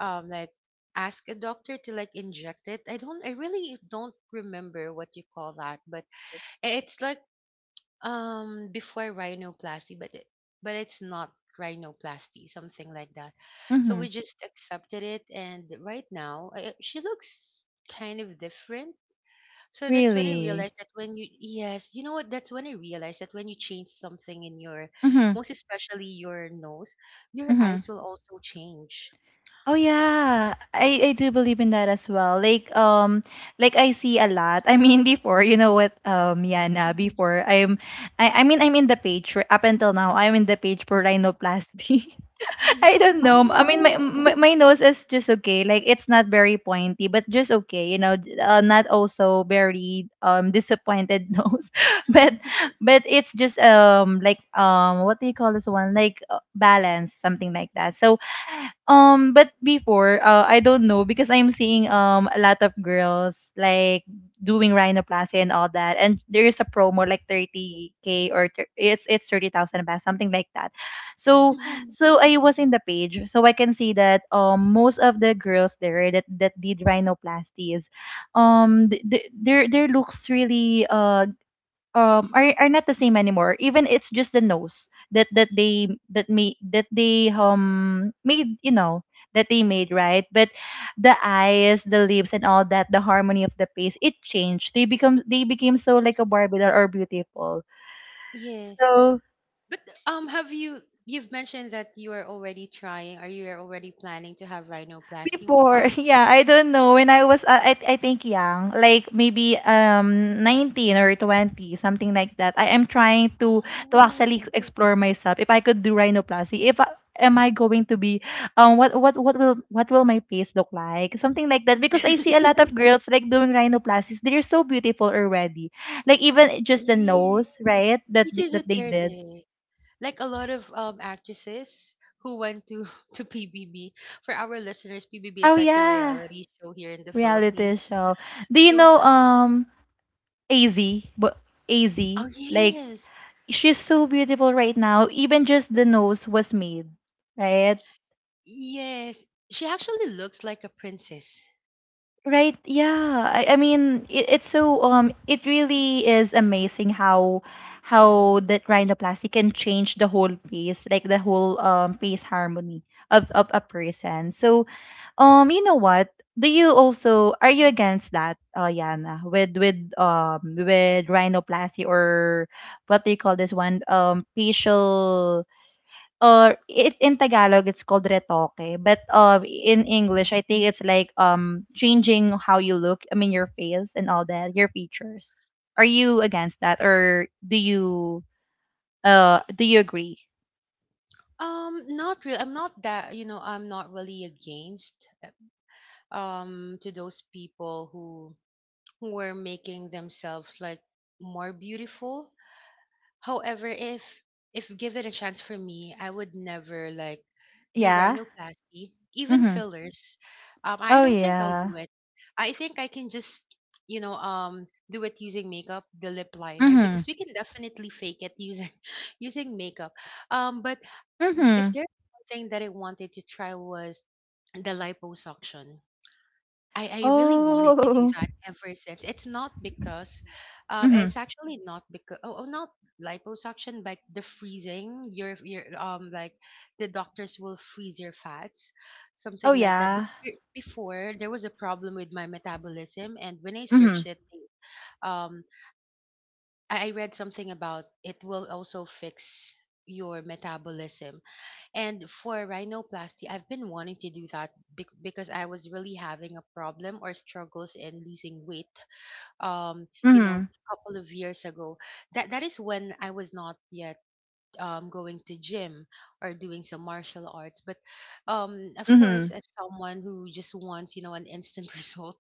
Speaker 2: to, um, like, ask a doctor to like inject it, I don't, I really don't remember what you call that, but i- it's like, um, before rhinoplasty, but it, but it's not rhinoplasty, something like that. So
Speaker 1: Mhm.
Speaker 2: we just accepted it, and right now, I, I- she looks kind of different. So that's when I
Speaker 1: Really?
Speaker 2: realized that when you, yes, you know what? That's when I realized that when you change something in your,
Speaker 1: Mhm.
Speaker 2: most especially your nose, your
Speaker 1: Mhm.
Speaker 2: eyes will also change.
Speaker 1: Oh yeah, I I do believe in that as well. Like um like I see a lot. I mean before, you know what, um Yana,
Speaker 2: Mhm.
Speaker 1: before I'm I I mean I'm in the page, r- up until now. I'm in the page for rhinoplasty.
Speaker 2: Mhm.
Speaker 1: I don't know. I mean, my,
Speaker 2: Oh,
Speaker 1: my my nose is just okay. Like it's not very pointy, but just okay. You know, d- uh, not also very um disappointed nose, but
Speaker 2: mhm,
Speaker 1: but it's just um like um what do you call this one? Like uh, balance, something like that. So um, but before, uh, I don't know because I'm seeing um a lot of girls like doing rhinoplasty and all that, and there is a promo like thirty k or thir- it's it's thirty thousand baht, something like that. So
Speaker 2: mhm.
Speaker 1: so I was in the page, so I can see that um most of the girls there that that did rhinoplasties, um th- th- their their looks really uh um are are not the same anymore. Even it's just the nose that that they that me that they um made, you know, that they made right, but the eyes, the lips, and all that, the harmony of the face, it changed. They become they became so like a Barbie doll, or beautiful.
Speaker 2: Yes.
Speaker 1: So
Speaker 2: But um, have you, you've mentioned that you are already trying, or you are already planning to have rhinoplasty.
Speaker 1: before,
Speaker 2: Um,
Speaker 1: yeah, I don't know. When I was, uh, I, I think young, like maybe um nineteen or twenty, something like that. I am trying to to actually
Speaker 2: oh,
Speaker 1: ex- explore myself. If I could do rhinoplasty, if I, am I going to be, um, what what what will what will my face look like? Something like that. Because I see a lot of girls like doing rhinoplasties. They're so beautiful already. Like even just the
Speaker 2: yes,
Speaker 1: nose, right? That
Speaker 2: Tito
Speaker 1: they- that they did.
Speaker 2: Duterte. Like a lot of um actresses who went to to P B B. For our listeners, P B B
Speaker 1: Oh
Speaker 2: is like the
Speaker 1: yeah,
Speaker 2: reality show here in the
Speaker 1: reality
Speaker 2: Philippines.
Speaker 1: show. Do you
Speaker 2: So,
Speaker 1: know um? A Z, but
Speaker 2: oh
Speaker 1: A Z, like
Speaker 2: yes,
Speaker 1: she's so beautiful right now. Even just the nose was made, right?
Speaker 2: yes, she actually looks like a princess.
Speaker 1: Right? Yeah. I, I mean, it, it's so um, it really is amazing how how that rhinoplasty can change the whole face, like the whole um face harmony of of a person. So Um, you know what? Do you
Speaker 2: Mhm.
Speaker 1: also Are you against that, uh, Yana, with with um with rhinoplasty, or what do you call this one? Um, facial, or it in Tagalog it's called retoque, but uh, in English I think it's like um changing how you look. I mean your face and all that, your features. Are you against that, or do you uh do you agree?
Speaker 2: Um, not real. I'm not that, you know, I'm not really against um to those people who who were making themselves like more beautiful. However, if if given a chance for me, I would never like do
Speaker 1: Yeah.
Speaker 2: rhinoplasty, even
Speaker 1: Mhm.
Speaker 2: fillers. Um, I
Speaker 1: Oh
Speaker 2: don't think I'll
Speaker 1: yeah.
Speaker 2: do it. I think I can just, you know, um, do it using makeup, the lip liner,
Speaker 1: Mhm.
Speaker 2: because we can definitely fake it using using makeup. Um, but th- if
Speaker 1: Mhm.
Speaker 2: there's one thing that I wanted to try was the liposuction. I, I really wanted to do
Speaker 1: Oh.
Speaker 2: that ever since. It's not because, um,
Speaker 1: Mhm.
Speaker 2: it's actually not because, oh, oh not liposuction, like the freezing your your um like the doctors will freeze your fats,
Speaker 1: Oh,
Speaker 2: something like that.
Speaker 1: yeah.
Speaker 2: Because there- before there was a problem with my metabolism, and when I searched
Speaker 1: Mhm,
Speaker 2: it, um, I, I read something about it will also fix your metabolism. And for rhinoplasty, I've been wanting to do that bec- because I was really having a problem or struggles in losing weight. Um, you know,
Speaker 1: mhm,
Speaker 2: a couple of years ago. That that is when I was not yet um, going to gym or doing some martial arts. But um, of course,
Speaker 1: mhm.
Speaker 2: as someone who just wants, you know, an instant result,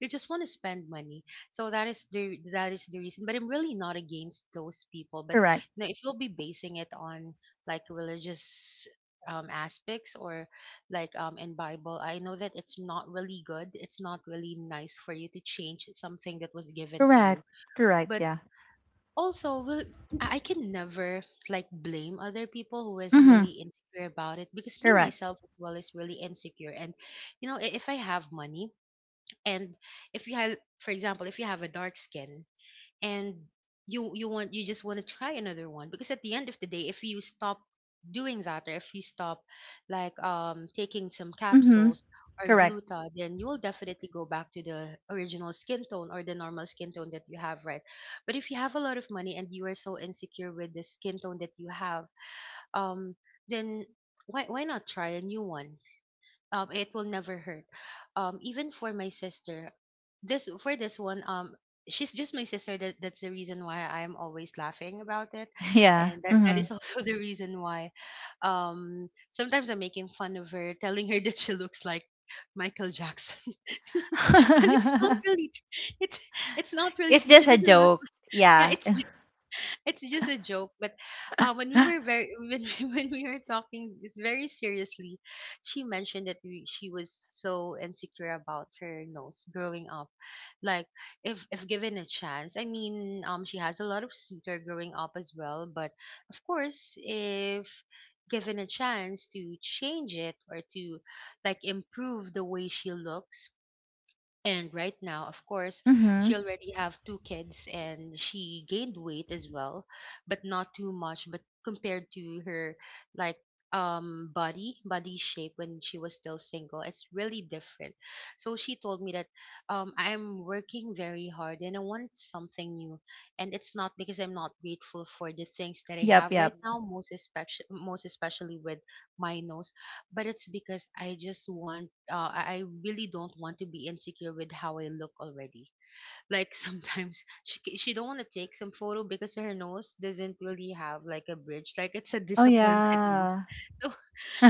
Speaker 2: you just want to spend money. So that is the that is the reason. But I'm really not against those people. But
Speaker 1: Correct,
Speaker 2: you know, if you'll be basing it on like religious um, aspects, or like um, in Bible, I know that it's not really good. It's not really nice for you to change something that was given to
Speaker 1: correct,
Speaker 2: you.
Speaker 1: correct,
Speaker 2: But
Speaker 1: yeah.
Speaker 2: also will I I can never like blame other people who is
Speaker 1: Mhm,
Speaker 2: really insecure about it because me
Speaker 1: correct.
Speaker 2: myself as well is really insecure and you know i- if I have money and if you have, for example, if you have a dark skin and you you want, you just want to try another one because at the end of the day if you stop doing that or if you stop like um taking some
Speaker 1: Mhm,
Speaker 2: capsules or
Speaker 1: correct.
Speaker 2: gluta, then you will definitely go back to the original skin tone or the normal skin tone that you have, right? But if you have a lot of money and you are so insecure with the skin tone that you have, um then why why not try a new one? Um it will never hurt. Um even for my sister, this for this one um she's just my sister, that that's the reason why I'm always laughing about it.
Speaker 1: Yeah,
Speaker 2: And that that
Speaker 1: mhm.
Speaker 2: is also the reason why um sometimes I'm making fun of her, telling her that she looks like Michael Jackson. But it's not really tr- it's it's not really
Speaker 1: It's
Speaker 2: true, she
Speaker 1: just a
Speaker 2: doesn't look
Speaker 1: joke.
Speaker 2: like, yeah,
Speaker 1: Yeah.
Speaker 2: it's it's just a joke. But uh, when we were very when we, when we were talking this very seriously, she mentioned that we, she was so insecure about her nose growing up. Like if if given a chance, I mean, um, she has a lot of suitor growing up as well. But of course, if given a chance to change it or to like improve the way she looks. And right now, of course, she
Speaker 1: Mhm.
Speaker 2: already have two kids and she gained weight as well, but not too much, but compared to her like um body, body shape when she was still single, it's really different. So she told me that, um I'm working very hard and I want something new. And it's not because I'm not grateful for the things that I
Speaker 1: Yep,
Speaker 2: have
Speaker 1: yep.
Speaker 2: right now, most especially most especially with my nose, but it's because I just want, uh, I I really don't want to be insecure with how I look already. Like sometimes she ca- she don't want to take some photo because her nose doesn't really have like a bridge, like it's a
Speaker 1: Oh,
Speaker 2: disappointed nose.
Speaker 1: yeah.
Speaker 2: So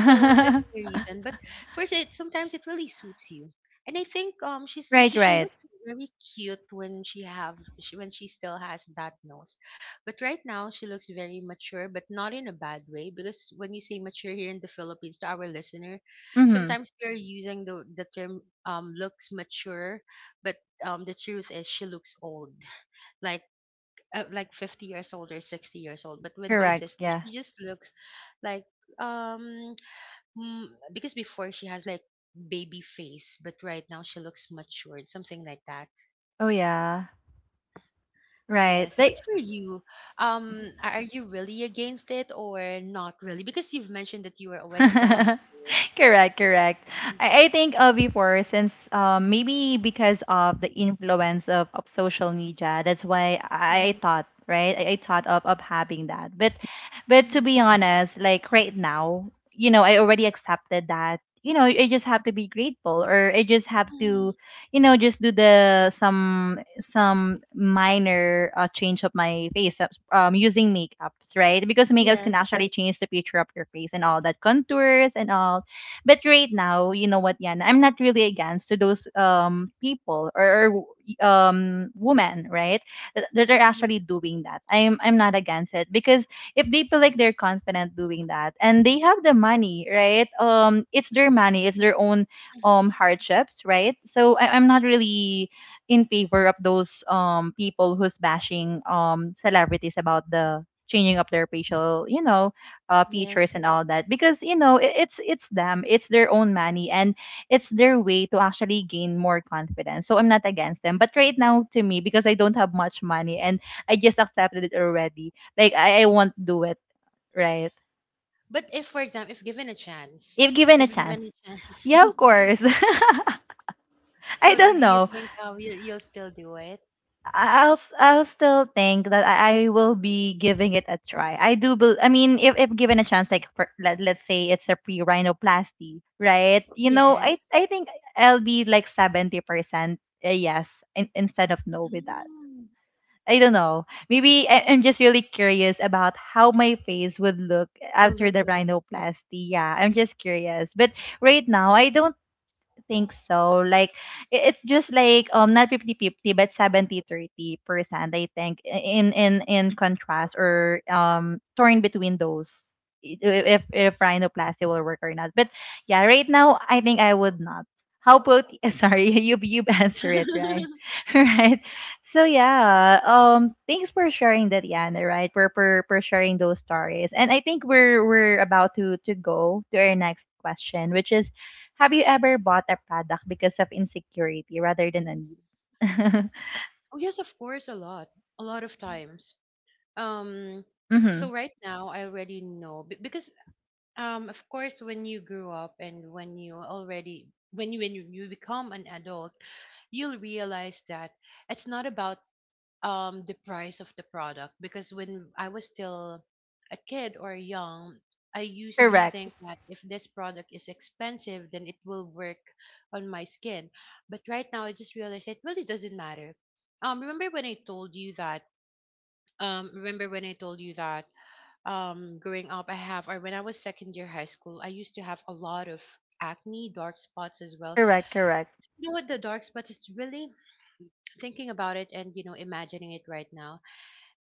Speaker 2: so that's the reason. But first, it sometimes it really suits you. And I think um she's
Speaker 1: Right,
Speaker 2: she
Speaker 1: right.
Speaker 2: looks very cute when she have, she, when she still has that nose, but right now she looks very mature, but not in a bad way. Because when you say mature here in the Philippines to our listener,
Speaker 1: Mhm.
Speaker 2: sometimes we're using the the term um looks mature, but um the truth is she looks old, like uh, like fifty years old or sixty years old. But with my
Speaker 1: Correct,
Speaker 2: sister,
Speaker 1: yeah.
Speaker 2: she just looks like um Mm, because before she has like baby face, but right now she looks matured, something like that.
Speaker 1: Oh, yeah. Right.
Speaker 2: Yes, but
Speaker 1: Like
Speaker 2: for you, um, a- are you really against it or not really? Because you've mentioned that you were already planning to do it.
Speaker 1: correct, correct.
Speaker 2: Mhm,
Speaker 1: I, I think uh, before, since um, maybe because of the influence of, of social media, that's why I, I
Speaker 2: mhm,
Speaker 1: thought, right? I, I thought of, of having that. But but to
Speaker 2: mhm,
Speaker 1: be honest, like right now, you know, I already accepted that. You know, I just have to be grateful, or I just have
Speaker 2: mhm.
Speaker 1: to, you know, just do the some some minor uh, change of my face uh, um using makeups, right? Because makeups can
Speaker 2: Yes,
Speaker 1: actually change the picture of your face and all that contours and all. But right now, you know what, Yana, I'm not really against to those um people, or, or um women, right? That that are
Speaker 2: mhm,
Speaker 1: actually doing that. I'm I'm not against it because if they feel like they're confident doing that and they have the money, right? Um, it's their money, it's their own
Speaker 2: mhm,
Speaker 1: um hardships, right? So I, I'm not really in favor of those um people who's bashing um celebrities about the changing up their facial, you know, uh,
Speaker 2: yes.
Speaker 1: features and all that, because you know it, it's it's them, it's their own money, and it's their way to actually gain more confidence. So I'm not against them. But right now, to me, because I don't have much money, and I just accepted it already, like i, I won't do it, right?
Speaker 2: But if, for example, if given a chance,
Speaker 1: If given a
Speaker 2: if given a
Speaker 1: chance, yeah,
Speaker 2: chance,
Speaker 1: of course. I
Speaker 2: so do
Speaker 1: don't
Speaker 2: you
Speaker 1: know.
Speaker 2: think, um, you'll, you'll still do it?
Speaker 1: I'll s- I'll still think that I I will be giving it a try. I do bel I mean, if if given a chance, like, for, let, let's say it's a pre-rhinoplasty, right? You know, I
Speaker 2: Yes.
Speaker 1: I think I'll be like seventy percent a yes, in, instead of no with that.
Speaker 2: Mm,
Speaker 1: I don't know. Maybe I, I'm just really curious about how my face would look
Speaker 2: will
Speaker 1: after the
Speaker 2: look like.
Speaker 1: rhinoplasty. Yeah, I'm just curious. But right now, I don't think so. Like i- it's just like um not fifty-fifty, but seventy-thirty percent, I think, in in in contrast, or um torn between those i- i- if if rhinoplasty will work or not. But yeah, right now I think I would not. How about sorry, you you answer it, right? Right. So yeah, um thanks for sharing that, Yana, right? For for for sharing those stories. And I think we're we're about to to go to our next question, which is: have you ever bought a product because of insecurity rather than a need?
Speaker 2: Oh yes, of course, a lot, a lot of times. Um,
Speaker 1: mm-hmm.
Speaker 2: so right now I already know be- because, um, of course, when you grew up and when you already, when you when you, you become an adult, you'll realize that it's not about um the price of the product. Because when I was still a kid or young, I used to
Speaker 1: Correct.
Speaker 2: think that if this product is expensive, then it will work on my skin. But right now, I just realized that, well, it really doesn't matter. Um, remember when I told you that? Um, remember when I told you that? Um, growing up, I have, or when I was second year high school, I used to have a lot of acne, dark spots as well.
Speaker 1: Correct. Correct.
Speaker 2: You know what? The dark spots is really, thinking about it and you know imagining it right now,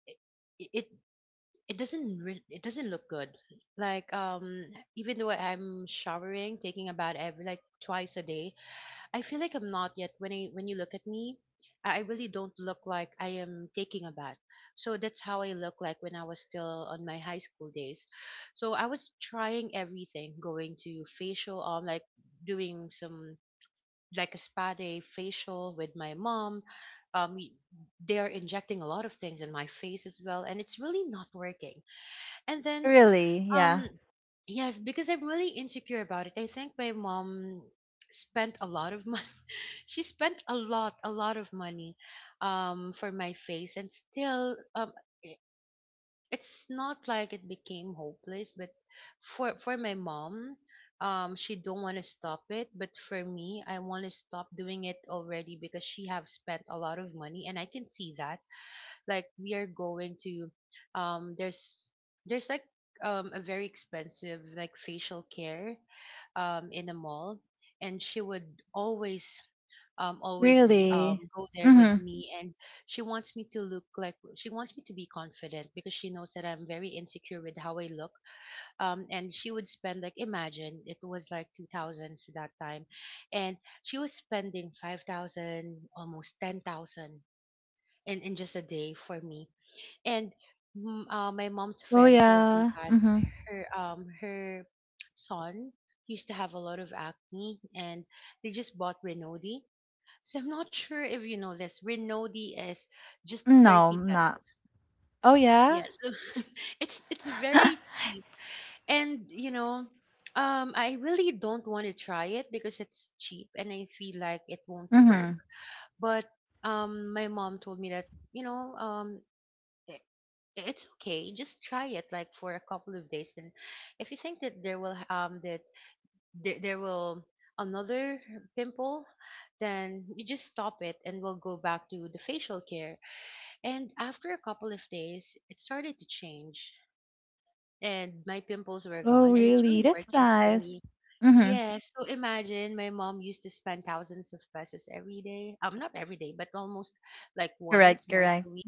Speaker 2: it, it, it doesn't re- it doesn't look good. Like um even though I'm showering, taking a bath every like twice a day, I feel like I'm not yet, when i when you look at me, i I really don't look like I am taking a bath. So that's how I look like when I was still on my high school days. So I was trying everything, going to facial, um like doing some like a spa day facial with my mom. um we- they're injecting a lot of things in my face as well and it's really not working. And then,
Speaker 1: Really. Yeah.
Speaker 2: um, yes, because I'm really insecure about it. I think my mom spent a lot of money. She spent a lot, a lot of money, um, for my face, and still, um, i- it's not like it became hopeless. But for for my mom, um, she don't want to stop it. But for me, I want to stop doing it already because she have spent a lot of money, and I can see that like we are going to um there's there's like um a very expensive like facial care um in a mall, and she would always um always
Speaker 1: Really.
Speaker 2: um go there with
Speaker 1: Mm-hmm.
Speaker 2: me. And she wants me to look like, she wants me to be confident because she knows that I'm very insecure with how I look. Um and she would spend like, imagine it was like two thousands that time, and she was spending five thousand, almost ten thousand in in just a day for me. And mm, uh, my mom's
Speaker 1: Oh
Speaker 2: friend told me
Speaker 1: yeah.
Speaker 2: that
Speaker 1: Mm-hmm.
Speaker 2: her um her son used to have a lot of acne, and they just bought Renodi. So I'm not sure if you know this. Renodi is just
Speaker 1: No,
Speaker 2: thirty
Speaker 1: I'm not.
Speaker 2: pesos.
Speaker 1: Oh yeah.
Speaker 2: Yes, it's it's very cheap, and you know. Um, I really don't want to try it because it's cheap and I feel like it won't work.
Speaker 1: mm-hmm.
Speaker 2: But um, my mom told me that, you know, um, i- it's okay, just try it like for a couple of days, and if you think that there will um that there, there will another pimple, then you just stop it and we'll go back to the facial care. And after a couple of days, it started to change, and my pimples were
Speaker 1: Oh
Speaker 2: gone, and it's
Speaker 1: really?
Speaker 2: really
Speaker 1: That's
Speaker 2: working for
Speaker 1: nice.
Speaker 2: me.
Speaker 1: Mm-hmm.
Speaker 2: Yes, so imagine my mom used to spend thousands of pesos every day. Um, not every day, but almost like
Speaker 1: Correct.
Speaker 2: once, once
Speaker 1: Correct.
Speaker 2: a week,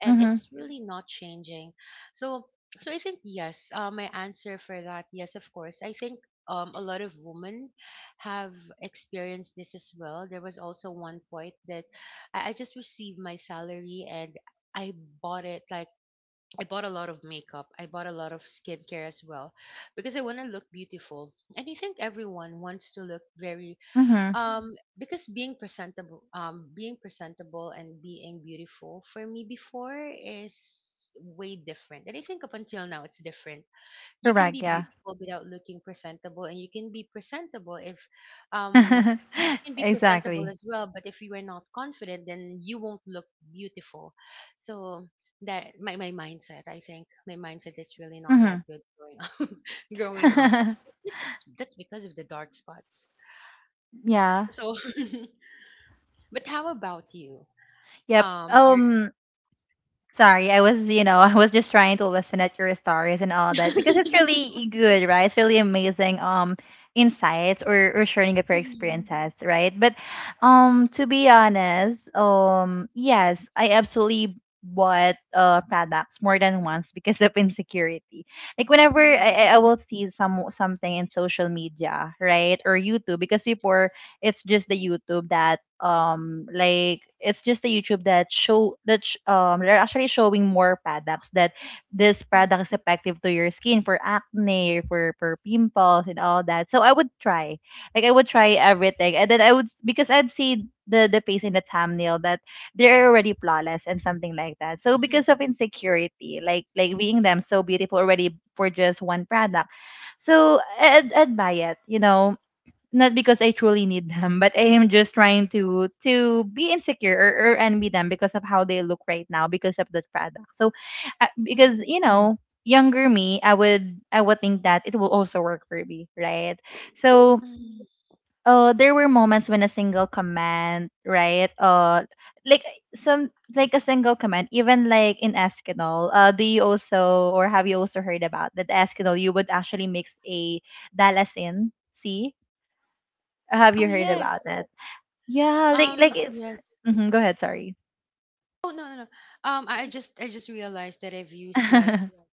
Speaker 2: and
Speaker 1: Mm-hmm.
Speaker 2: it's really not changing. So so I think yes, uh, my answer for that, yes, of course. I think um, a lot of women have experienced this as well. There was also one point that I, I just received my salary and I bought it like, I bought a lot of makeup. I bought a lot of skincare as well because I want to look beautiful. And I think everyone wants to look very
Speaker 1: Mm-hmm.
Speaker 2: um because being presentable, um being presentable and being beautiful for me before is way different, and I think up until now it's different. You can be
Speaker 1: Correct. Yeah.
Speaker 2: beautiful without looking presentable, and you can be presentable if um you can be presentable
Speaker 1: Exactly.
Speaker 2: as well, but if you are not confident, then you won't look beautiful. So that my, my mindset, I think my mindset is really not that
Speaker 1: Mm-hmm.
Speaker 2: good growing up, growing up. Maybe that's, that's because of the dark spots.
Speaker 1: Yeah.
Speaker 2: So but how about you?
Speaker 1: Yep.
Speaker 2: Um, are
Speaker 1: Um. Sorry, I was, you know, I was just trying to listen at your stories and all that because it's really good, right? It's really amazing um insights, or, or sharing of your
Speaker 2: mhm,
Speaker 1: experiences, right? But um to be honest, um yes, I absolutely bought uh products more than once because of insecurity. Like whenever
Speaker 2: mhm,
Speaker 1: I, I I will see some something in social media, right? Or YouTube, because before it's just the YouTube that um like it's just the YouTube that show that sh- um they're actually showing more products, that this
Speaker 2: mhm,
Speaker 1: product is effective to your skin for acne, for for pimples and all that. So I would try, like I would try everything, and then I would, because I'd see the the face in the thumbnail that they're already flawless and something like that. So
Speaker 2: mhm,
Speaker 1: because of insecurity, like like being them so beautiful already for just one product, so I'd, I'd buy it, you know, not because I truly need them, but I am just trying to to be insecure or, or envy them because of how they look right now because of the product. So, uh, because,
Speaker 2: mhm,
Speaker 1: you know, younger me, I would I would think that it will also work for me, right? So,
Speaker 2: mhm.
Speaker 1: uh, there were moments when a single comment, right? Uh, like some like a single comment, even like in Eskinol, uh, do you also, or have you also heard about that Eskinol? You would actually mix a dalasin C. Have you
Speaker 2: Oh
Speaker 1: heard
Speaker 2: yes.
Speaker 1: about it? Yeah, like like
Speaker 2: Um,
Speaker 1: it's.
Speaker 2: yes.
Speaker 1: Hmm, go ahead. Sorry.
Speaker 2: Oh no, no, no. Um, I I just, I just realized that I've used like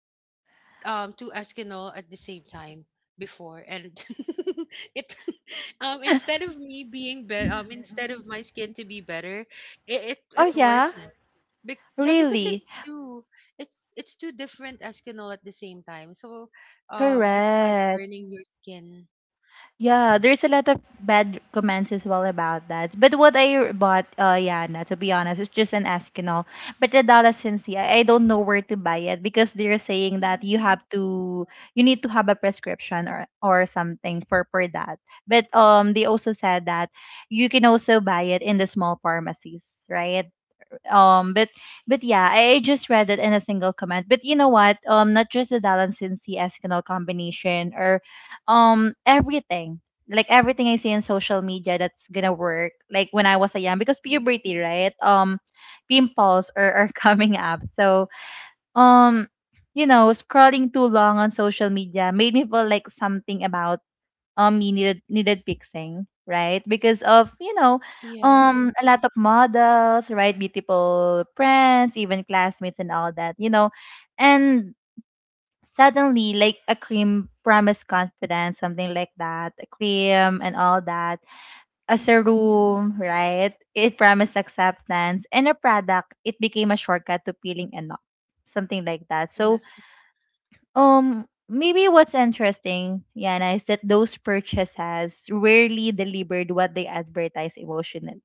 Speaker 2: um two Eskinol at the same time before, and it um instead of me being better, um instead of my skin to be better, it it, it
Speaker 1: Oh yeah,
Speaker 2: worsened. Bec yeah, because it's
Speaker 1: really?
Speaker 2: two, it's it's two different Eskinol at the same time. So, um, it's like
Speaker 1: Correct.
Speaker 2: burning your skin.
Speaker 1: Yeah, there's a lot of bad comments as well about that. But what I bought, uh, Yana, to be honest, it's just an Eskinol. But the Dala Sensi, I, I don't know where to buy it, because they're saying that
Speaker 2: Mhm,
Speaker 1: you have to, you need to have a prescription or or something for for that. But um, they also said that you can also buy it in the small pharmacies, right? um but but yeah I, I just read it in a single comment. But you know what, um not just the dallas and cs canal combination or um everything. Like everything I see in social media that's gonna work, like when I was a young, because
Speaker 2: mhm.
Speaker 1: puberty, right? um pimples are, are coming up, so um you know, scrolling too long on social media made me feel like something about um you needed needed fixing, right? Because of, you know,
Speaker 2: Yes.
Speaker 1: um a lot of models, right? Beautiful friends, even classmates and all that, you know. And suddenly like a cream promised confidence, something like that, a cream and all that as a
Speaker 2: Mhm.
Speaker 1: room, right? It promised acceptance, and a product, it became a shortcut to feeling enough, something like that. So
Speaker 2: Yes.
Speaker 1: um, maybe what's interesting, Yana, is that those purchases rarely delivered what they advertise emotionally,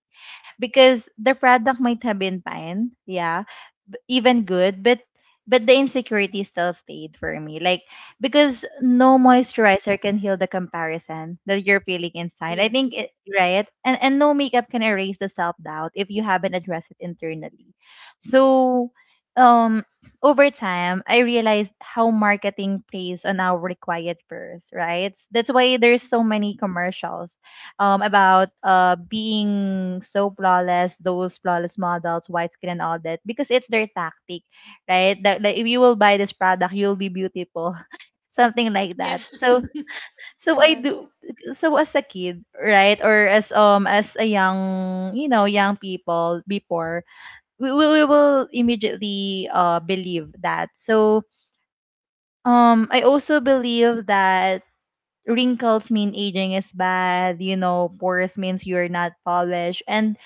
Speaker 1: because the product might have been fine, yeah, b- even good, but but the insecurity still stayed for me. Like because no
Speaker 2: Mm.
Speaker 1: moisturizer can heal the comparison that you're feeling inside. I
Speaker 2: Yes.
Speaker 1: think it right, and and no makeup can erase the self doubt if you haven't addressed it internally. So, um, over time, I realized how marketing plays on our quiet first, right? That's why there's so
Speaker 2: Mm.
Speaker 1: many commercials um, about uh, being so flawless, those flawless models, white skin and all that, because it's their tactic, right? That, that if you will buy this product, you'll be beautiful, something like
Speaker 2: Yeah.
Speaker 1: that. So so I
Speaker 2: Yes.
Speaker 1: do so as a kid, right, or as um as a young, you know, young people before, we we, we will immediately uh believe that. So um I also believe that wrinkles mean aging is bad, you know, pores means you're not polished, and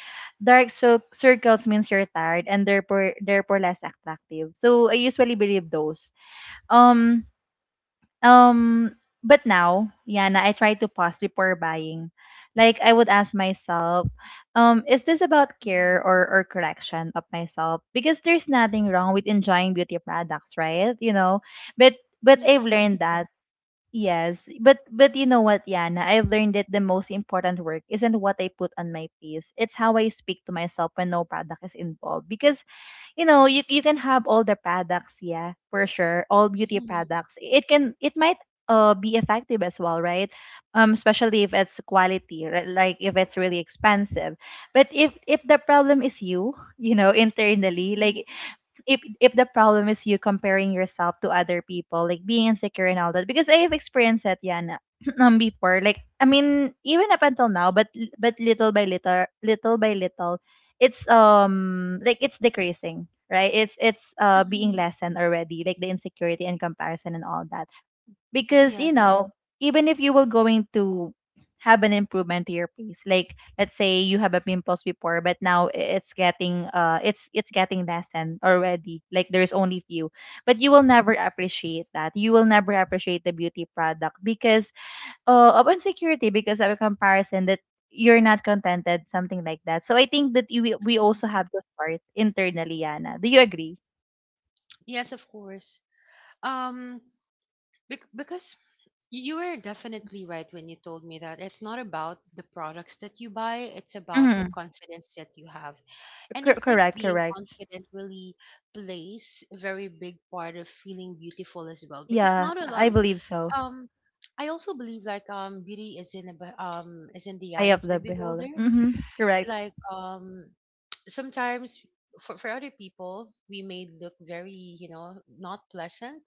Speaker 1: dark cir- circles means you're tired and therefore therefore less attractive. So I usually believe those. Um um but now, Yana, I try to pause before buying. Like I would ask myself, um, is this about care
Speaker 2: Mhm.
Speaker 1: or, or correction of myself? Because there's nothing wrong with enjoying beauty products, right? You know, but but
Speaker 2: Yes,
Speaker 1: I've
Speaker 2: of course.
Speaker 1: learned that yes, but but you know what, Yana? I've learned that the most important work isn't what I put on my piece. It's how I speak to myself when no product is involved. Because you know, you you can have all the products, yeah, for sure, all beauty
Speaker 2: Mhm,
Speaker 1: products. It can, it might uh be effective as well, right? Um, especially if it's quality, right? Like if it's really expensive. But if if the problem is you, you know, internally,
Speaker 2: mhm,
Speaker 1: like if if the problem is you comparing yourself to other people, like being insecure and all that, because I have experienced that, Yana, um, before. Like I mean, even up until now, but but little by little, little by little, it's um like it's decreasing, right? It's it's uh being
Speaker 2: mhm.
Speaker 1: lessened already, like the insecurity and comparison and all that, because you
Speaker 2: Yes.
Speaker 1: know, even if you were going to have an improvement to your face, like let's say you have a pimples before but now i- it's getting uh it's it's getting lessened already, like there's only few, but you will never appreciate that, you will never appreciate the beauty product because uh, of insecurity, because of a comparison that you're not contented, something like that. So I think that you, we we
Speaker 2: Mhm.
Speaker 1: also have to start internally, Yana. Do you agree?
Speaker 2: Yes, of course. Um, bec because you were definitely right when you told me that it's not about the products that you buy, it's about the
Speaker 1: Mm-hmm.
Speaker 2: confidence that you have. And I
Speaker 1: Correct,
Speaker 2: think being
Speaker 1: correct.
Speaker 2: confident really plays a very big part of feeling beautiful as well because
Speaker 1: Yeah,
Speaker 2: not a lot
Speaker 1: I
Speaker 2: of
Speaker 1: believe so.
Speaker 2: um I also believe like um beauty is in the be- um is in the
Speaker 1: Eye
Speaker 2: eye
Speaker 1: of
Speaker 2: of the
Speaker 1: the
Speaker 2: beholder.
Speaker 1: Beholder. Mm-hmm. Correct.
Speaker 2: Like um sometimes for for other people we may look very, you know, not pleasant.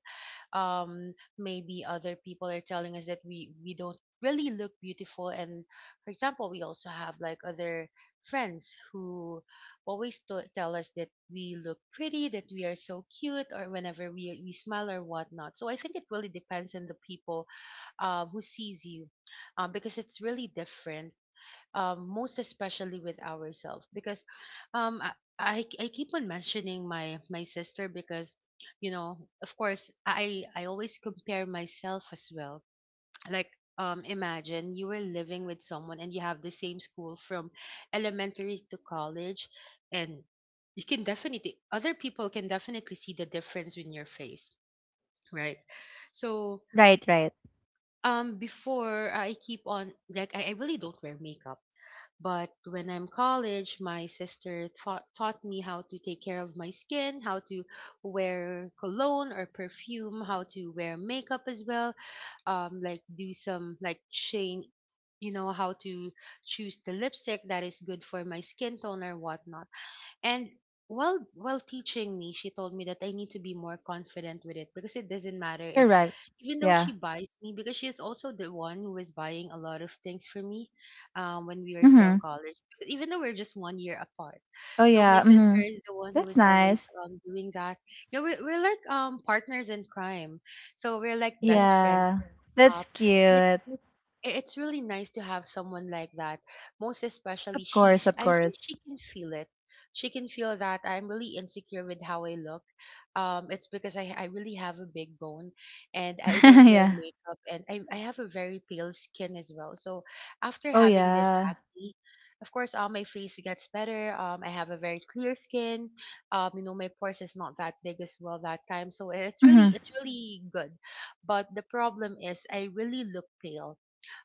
Speaker 2: um maybe other people are telling us that we we don't really look beautiful, and for example we also have like other friends who always t- tell us that we look pretty, that we are so cute, or whenever we we smile or whatnot. So I think it really depends on the people uh, who sees you, um, because it's really different. um, most especially with ourselves, because um, I, I I keep on mentioning my my sister because, you know, of course I I always compare myself as well. Like, um, imagine you were living with someone and you have the same school from elementary to college, and you can definitely other people can definitely see the difference in your face, right? So
Speaker 1: Right, right.
Speaker 2: um before I keep on, like i, I really don't wear makeup, but when I'm college, my sister taught, taught me how to take care of my skin, how to wear cologne or perfume, how to wear makeup as well, um, like do some like chain, you know, how to choose the lipstick that is good for my skin tone or whatnot. And while while teaching me, she told me that I need to be more confident with it because it doesn't matter if,
Speaker 1: Correct.
Speaker 2: even though
Speaker 1: Yeah.
Speaker 2: she buys me, because she is also the one who is buying a lot of things for me, um, when we were still
Speaker 1: Mm-hmm.
Speaker 2: college. Because even though we're just one year apart,
Speaker 1: Oh
Speaker 2: so my
Speaker 1: yeah. Mm-hmm.
Speaker 2: sister is the one who
Speaker 1: That's
Speaker 2: is always
Speaker 1: nice.
Speaker 2: um doing that. Yeah, we're, we're like um partners in crime, so we're like best friends
Speaker 1: Yeah. That's
Speaker 2: up, and it
Speaker 1: cute.
Speaker 2: i- it's really nice to have someone like that. Most especially
Speaker 1: Of
Speaker 2: she
Speaker 1: course,
Speaker 2: sh-
Speaker 1: of
Speaker 2: I think
Speaker 1: course.
Speaker 2: she can feel it. She can feel that I'm really insecure with how I look. um it's because i i really have a big bone, and I don't wear
Speaker 1: Yeah.
Speaker 2: makeup, and i i have a very pale skin as well. So after
Speaker 1: Oh
Speaker 2: having this
Speaker 1: yeah.
Speaker 2: acne, of course, uh, my face gets better. um I have a very clear skin. um you know, my pores is not that big as well that time, so it's
Speaker 1: Mm-hmm.
Speaker 2: really it's really good. But the problem is I really look pale.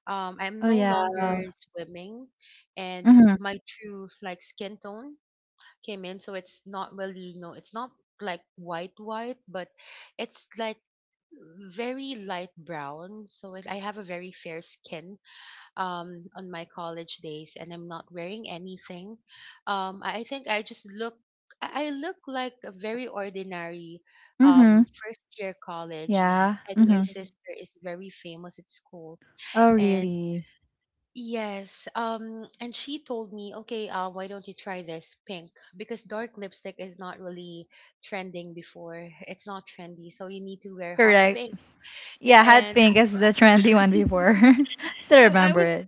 Speaker 2: um, I'm
Speaker 1: Oh
Speaker 2: no
Speaker 1: yeah.
Speaker 2: longer swimming, and
Speaker 1: Mm-hmm.
Speaker 2: my true like skin tone came in, so it's not really, no, it's not like white white, but it's like very light brown. So it, I have a very fair skin um on my college days, and I'm not wearing anything. Um, I I think I just look. I I look like a very ordinary
Speaker 1: Mm-hmm.
Speaker 2: um, first year college,
Speaker 1: Yeah.
Speaker 2: and my
Speaker 1: Mm-hmm.
Speaker 2: sister is very famous at school,
Speaker 1: Oh
Speaker 2: and
Speaker 1: really?
Speaker 2: yes. Um, and she told me, okay, uh, why don't you try this pink? Because dark lipstick is not really trending before. It's not trendy, so you need to wear hot
Speaker 1: Correct.
Speaker 2: pink.
Speaker 1: Yeah, hot
Speaker 2: And
Speaker 1: pink is the trendy one before. Still
Speaker 2: so I
Speaker 1: remember
Speaker 2: was,
Speaker 1: it.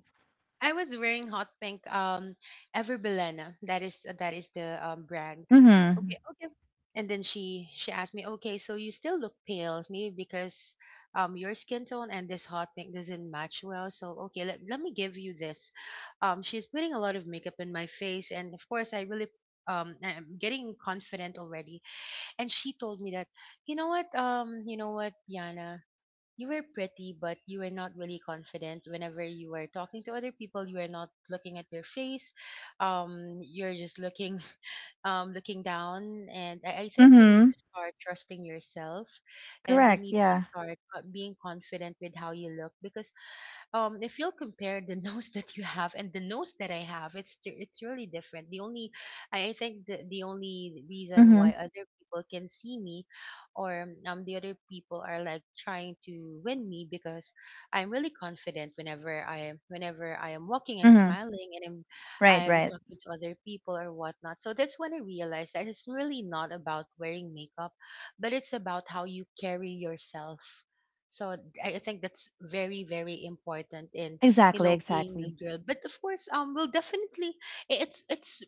Speaker 2: I was wearing hot pink, um Everbilena. That is that is the um brand.
Speaker 1: Mm-hmm.
Speaker 2: Okay, okay. And then she she asked me, "Okay, so you still look pale, maybe because um your skin tone and this hot pink doesn't match well. So okay, let, let me give you this." Um she's putting a lot of makeup in my face, and of course I really um I'm getting confident already. And she told me that, "You know what? Um you know what, Yana? You were pretty, but you were not really confident. Whenever you were talking to other people, you were not looking at their face. Um, you're just looking, um, looking down. And I, I think you need
Speaker 1: Mm-hmm.
Speaker 2: to start trusting yourself, and you
Speaker 1: Correct.
Speaker 2: need to
Speaker 1: Yeah.
Speaker 2: start uh, being confident with how you look, because um if you'll compare the nose that you have and the nose that I have, it's t- it's really different. The only I I think the the only reason
Speaker 1: Mm-hmm.
Speaker 2: why other people can see me or um the other people are like trying to win me because I'm really confident. Whenever I whenever I am walking, I'm
Speaker 1: Mm-hmm.
Speaker 2: smiling, and I'm
Speaker 1: Right,
Speaker 2: I'm
Speaker 1: right.
Speaker 2: talking to other people or whatnot. So that's when I realized that it's really not about wearing makeup, but it's about how you carry yourself. So I I think that's very, very important in, you
Speaker 1: Exactly,
Speaker 2: know, being a
Speaker 1: exactly.
Speaker 2: girl. But of course, um, we'll definitely i- it's it's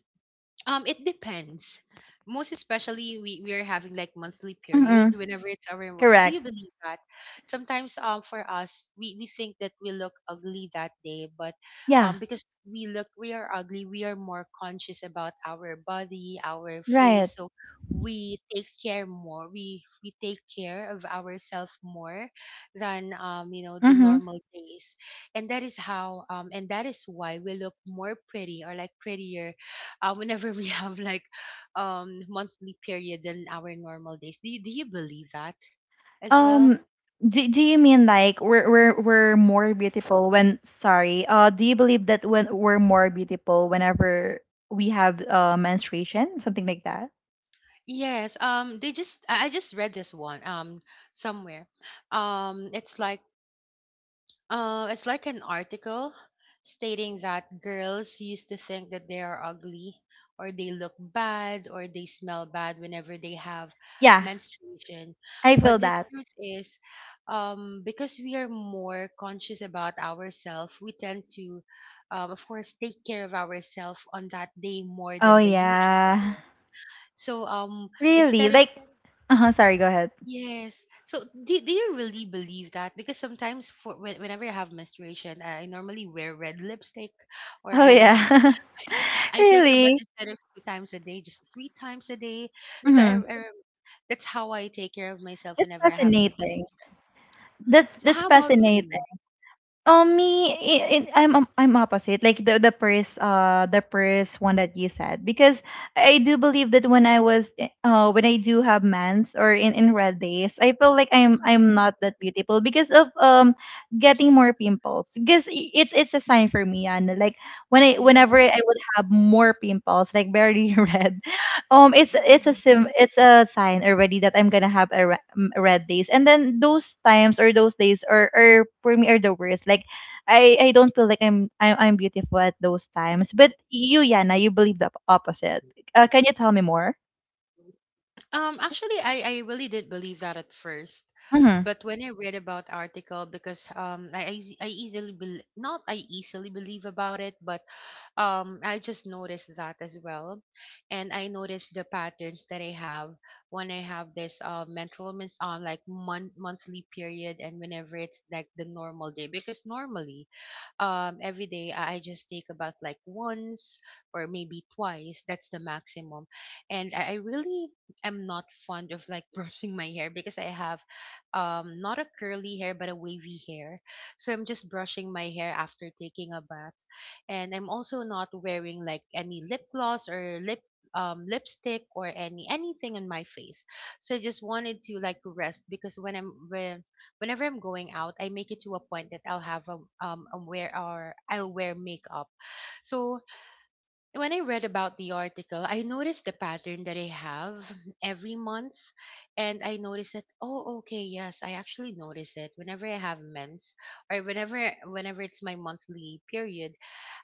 Speaker 2: um, it depends. Most especially, we, we are having like monthly
Speaker 1: Mm-mm.
Speaker 2: period whenever it's our. mo- Do
Speaker 1: Correct.
Speaker 2: you believe that? Sometimes, um, for us, we, we think that we look ugly that day, but
Speaker 1: Yeah.
Speaker 2: um, because we look we are ugly, we are more conscious about our body, our
Speaker 1: Right.
Speaker 2: face, so we take care more. We we take care of ourselves more than um you know, the
Speaker 1: Mm-hmm.
Speaker 2: normal days, and that is how um and that is why we look more pretty, or like prettier, uh, whenever we have like um monthly period than our normal days. Do you, do you believe that as well?
Speaker 1: Um. Do, do you mean like we're we're we're more beautiful when, sorry? Uh. Do you believe that when we're more beautiful whenever we have uh menstruation, something like that?
Speaker 2: Yes. Um, they just I I just read this one um somewhere. Um, it's like Uh, it's like an article stating that girls used to think that they are ugly, or they look bad, or they smell bad whenever they have
Speaker 1: Yeah.
Speaker 2: menstruation.
Speaker 1: I feel
Speaker 2: But the
Speaker 1: that.
Speaker 2: truth is, um, because we are more conscious about ourselves, we tend to, um, of course, take care of ourselves on that day more
Speaker 1: Oh
Speaker 2: than the usual.
Speaker 1: yeah.
Speaker 2: One. So um,
Speaker 1: Really?
Speaker 2: instead of
Speaker 1: Like. Uh huh. Sorry. Go ahead.
Speaker 2: yes. So do, do you really believe that? Because sometimes for when, whenever I have menstruation, I normally wear red lipstick, or
Speaker 1: Oh
Speaker 2: I
Speaker 1: yeah.
Speaker 2: I take a bath
Speaker 1: Really.
Speaker 2: instead of two times a day, just three times a day. So
Speaker 1: Mm-hmm.
Speaker 2: I, I, that's how I take care of myself
Speaker 1: It's
Speaker 2: whenever I have
Speaker 1: fascinating.
Speaker 2: menstruation.
Speaker 1: That's
Speaker 2: So
Speaker 1: that's
Speaker 2: how about for
Speaker 1: fascinating.
Speaker 2: you?
Speaker 1: Um, me, i- i- I'm I'm I'm opposite. Like the the first uh the first one that you said, because I do believe that when I was eh, uh when I do have mans, or in in red days, I feel like I'm
Speaker 2: Mhm.
Speaker 1: I'm not that beautiful because of um getting more pimples, because i- it's it's a sign for me. And like when
Speaker 2: Oh
Speaker 1: I,
Speaker 2: yeah.
Speaker 1: whenever I would have more pimples like very red, um, it's it's a
Speaker 2: Mhm.
Speaker 1: sim it's a sign already that I'm gonna have a, re- m- red days, and then those times or those days are, are for me are the worst. Like, I I don't feel like I'm I'm, I'm beautiful at those times. But you, Yana, you believe the opposite. Uh, can you tell me more?
Speaker 2: Um, actually, I, I really did believe that at first,
Speaker 1: Mm-hmm.
Speaker 2: but when I read about article, because um, I I eas- I easily bel not I easily believe about it, but um I just noticed that as well. And I noticed the patterns that I have when I have this uh menstrual mis- um like month monthly period, and whenever it's like the normal day, because normally um every day i I just take about like once or maybe twice, that's the maximum. And i, I really am not fond of like brushing my hair because I have um not a curly hair but a wavy hair, so I'm just brushing my hair after taking a bath. And I'm also not wearing like any lip gloss or lip um, lipstick or any anything on my face. So I just wanted to like rest, because when i'm when whenever I'm going out, I make it to a point that I'll have a um a wear, or I'll wear makeup. So when I read about the article, I noticed the pattern that I have every month, and I noticed that, oh okay, yes, I actually notice it whenever I have mens, or whenever whenever it's my monthly period,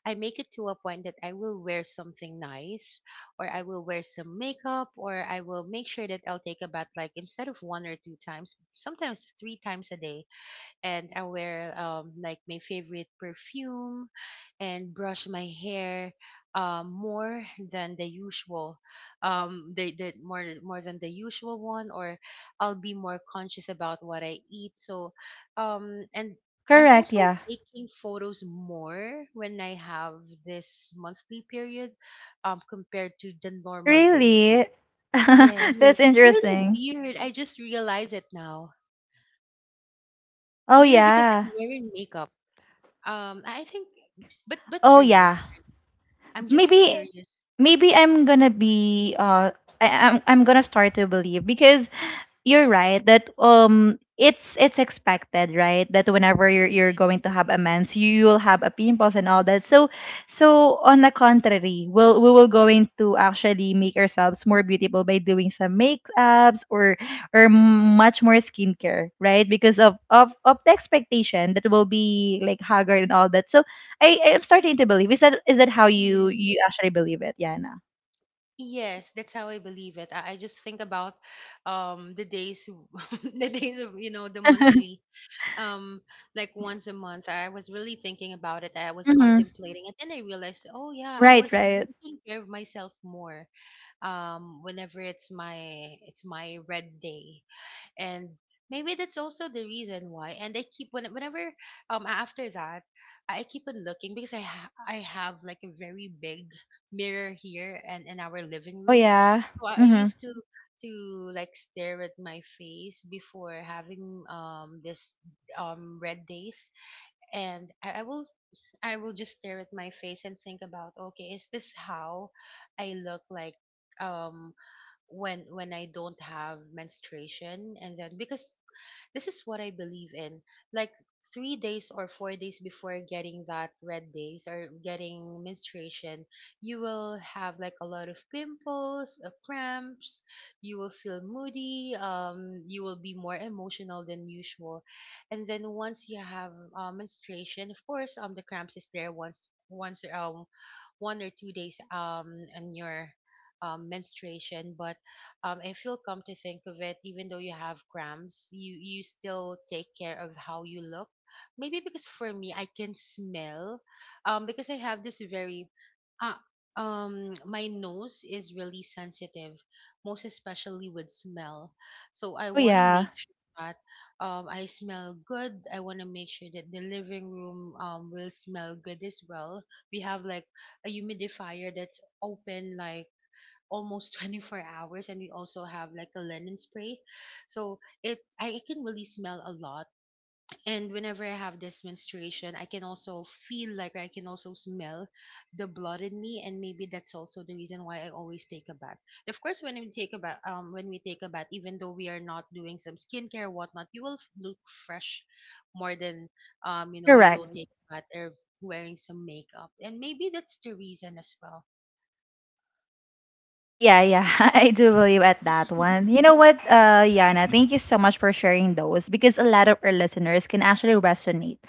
Speaker 2: I make it to a point that I will wear something nice, or I will wear some makeup, or I will make sure that I'll take a bath, like instead of one or two times, sometimes three times a day, and I wear um like my favorite perfume, and brush my hair um more than the usual, um the, the more more than the usual one. Or I'll be more conscious about what I eat. So um and I'm
Speaker 1: Correct.
Speaker 2: also
Speaker 1: Yeah.
Speaker 2: taking photos more when I have this monthly period, um compared to the normal days.
Speaker 1: Really?
Speaker 2: Yes,
Speaker 1: That's
Speaker 2: it's really
Speaker 1: interesting.
Speaker 2: weird, I just realize it now.
Speaker 1: Oh
Speaker 2: Maybe because
Speaker 1: yeah.
Speaker 2: I'm wearing makeup. Um, I I think, but but
Speaker 1: Oh
Speaker 2: for you,
Speaker 1: yeah.
Speaker 2: as- I'm just
Speaker 1: Maybe
Speaker 2: curious.
Speaker 1: maybe I'm gonna be uh I, I'm I'm gonna start to believe, because you're right that um it's it's expected, right, that whenever you're you're
Speaker 2: Yeah,
Speaker 1: going to have a mens, you will have a pimples and all that. So so on the contrary, we'll we will going to actually make ourselves more beautiful by doing some makeups, or or much more skincare, right, because of of of the expectation that will be like haggard and all that. So I I'm starting to believe. Is that, is that how you
Speaker 2: yeah.
Speaker 1: you actually believe it, Yana?
Speaker 2: Yes, that's how I believe it. I, I just think about um the days, w- the days of, you know, the monthly, um like once a month. I was really thinking about it. I was
Speaker 1: Mm-hmm.
Speaker 2: contemplating, and then I realized, oh yeah, I
Speaker 1: Right,
Speaker 2: was
Speaker 1: right.
Speaker 2: taking care of myself more. Um, whenever it's my it's my red day. And maybe that's also the reason why. And I keep when, whenever um after that, I keep on looking, because i ha- I have like a very big mirror here and in our living
Speaker 1: Oh
Speaker 2: room.
Speaker 1: yeah.
Speaker 2: So I
Speaker 1: Mm-hmm.
Speaker 2: used to to like stare at my face before having um this um red days. And I, I will I will just stare at my face and think about, okay, is this how I look like um when when I don't have menstruation, and then, because this is what I believe in. Like three days or four days before getting that red days or getting menstruation, you will have like a lot of pimples, uh, cramps. You will feel moody. Um, you will be more emotional than usual. And then once you have uh, menstruation, of course, um, the cramps is there once once um one or two days um on your um, menstruation. But um, if you'll come to think of it, even though you have cramps, you you still take care of how you look. Maybe because for me, I can smell, um, because I have this very, uh, um, my nose is really sensitive, most especially with smell. So I
Speaker 1: Oh
Speaker 2: want to
Speaker 1: yeah.
Speaker 2: make sure that um I smell good. I want to make sure that the living room um will smell good as well. We have like a humidifier that's open like almost twenty-four hours, and we also have like a linen spray so it I can really smell a lot. And whenever I have this menstruation, I can also feel like I can also smell the blood in me, and maybe that's also the reason why I always take a bath. And of course, when we take a bath, um when we take a bath even though we are not doing some skincare or whatnot, you will f- look fresh, more than um you know, you
Speaker 1: Correct.
Speaker 2: don't take a bath or wearing some makeup, and maybe that's the reason as well.
Speaker 1: Yeah, yeah. I do believe at that one. You know what, uh, Yana, thank you so much for sharing those, because a lot of our listeners can actually resonate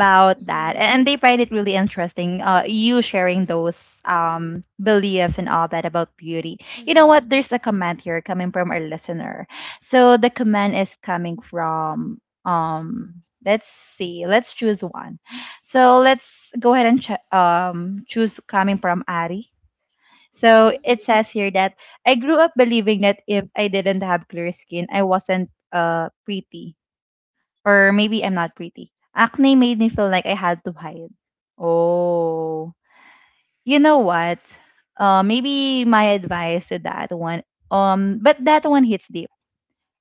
Speaker 1: that,
Speaker 2: Mhm.
Speaker 1: and they find it really interesting, uh, you sharing those um beliefs and all that about beauty. You know
Speaker 2: Mhm.
Speaker 1: what? There's a comment here coming from our listener. So the comment is coming from um let's see, let's choose one. So let's go ahead and ch- um choose coming from Ari. So
Speaker 2: Mhm,
Speaker 1: it says here that I grew up believing that if I didn't have clear skin, I wasn't uh pretty. Or maybe I'm not pretty. Acne made me feel like I had to hide. Oh. You know what? Uh, maybe my advice to that one, um but that one hits deep,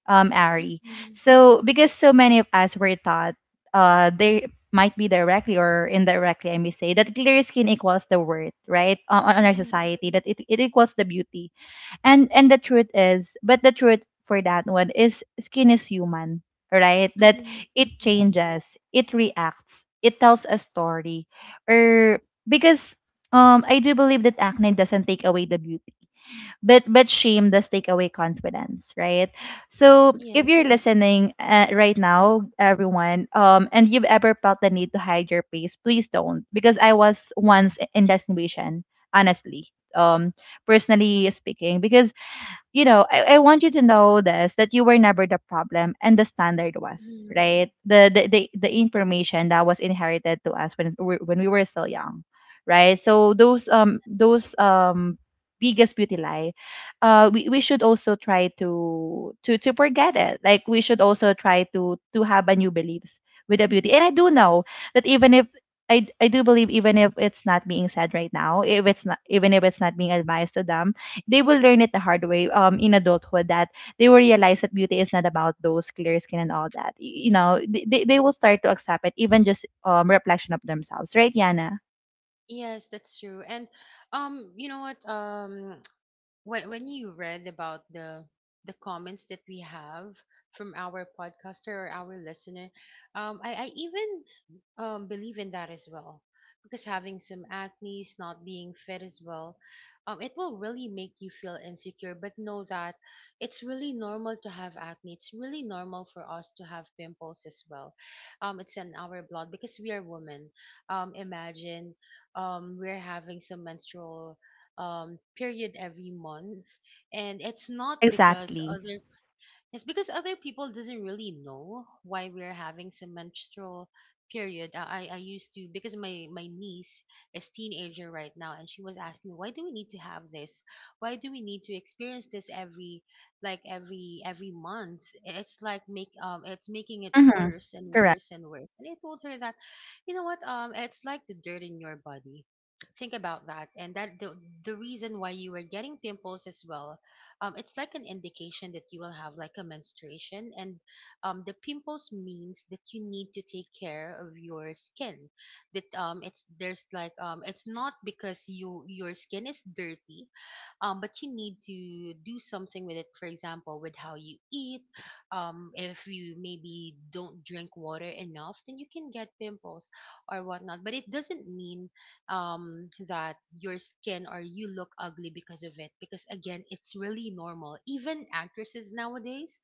Speaker 1: um, Ari.
Speaker 2: mhm,
Speaker 1: So because so many of us were taught uh they might be directly or indirectly, I may say, that clear skin equals the worth, right? Uh, On, on our
Speaker 2: mhm,
Speaker 1: society, that it, it equals the beauty, and and the truth is, but the truth for that one is skin is human, right? That
Speaker 2: mhm.
Speaker 1: it
Speaker 2: Yes,
Speaker 1: changes, it reacts, it tells a story. Or because um I do believe that acne doesn't take away the beauty. But but shame does take away confidence, right? So if
Speaker 2: yes,
Speaker 1: you're listening, uh, right now, everyone, um, and you've ever felt the need to hide your face, please don't, because I was once in that situation, honestly, um, personally speaking, because you know, I, I want you to know this, that you were never the problem, and the standard was,
Speaker 2: mhm,
Speaker 1: right? The the the, the
Speaker 2: yes,
Speaker 1: information that was inherited to us when we when we were still young, right? So those um
Speaker 2: yes,
Speaker 1: those um biggest beauty lie, uh we, we should also try to to to forget it. Like we should also try to to have a new beliefs with the beauty. And I do know that even if I, I do believe, even if it's not being said right now, if it's not, even if it's not being advised to them, they will learn it the hard way um in adulthood, that they will realize that beauty is not about those clear skin and all that. Y- you know, th- they, they will start to accept it even just um reflection of themselves, right, Yana?
Speaker 2: yes, that's true. And um, you know what? Um, when when you read about the the comments that we have from our podcaster or our listener, um, I I even um, believe in that as well. Because having some acne, not being fit as well, um, it will really make you feel insecure. But know that it's really normal to have acne. It's really normal for us to have pimples as well. Um, it's in our blood because we are women. Um, imagine um, we're having some menstrual um period every month, and it's not because
Speaker 1: Exactly.
Speaker 2: other it's because other people doesn't really know why we're having some menstrual period. I I I used to, because my my niece is teenager right now, and she was asking me, why do we need to have this? Why do we need to experience this every like every every month? It's like make um it's making it
Speaker 1: Mm-hmm.
Speaker 2: worse and
Speaker 1: Correct.
Speaker 2: worse and worse. And I told her that, you know what, um it's like the dirt in your body. Think about that. And that the the reason why you were getting pimples as well, um, it's like an indication that you will have like a menstruation. And um, the pimples means that you need to take care of your skin, that um, it's there's like um, it's not because you your skin is dirty, um, but you need to do something with it, for example with how you eat. um, if you maybe don't drink water enough, then you can get pimples or whatnot. But it doesn't mean um, that your skin or you look ugly because of it, because again, it's really normal. Even actresses nowadays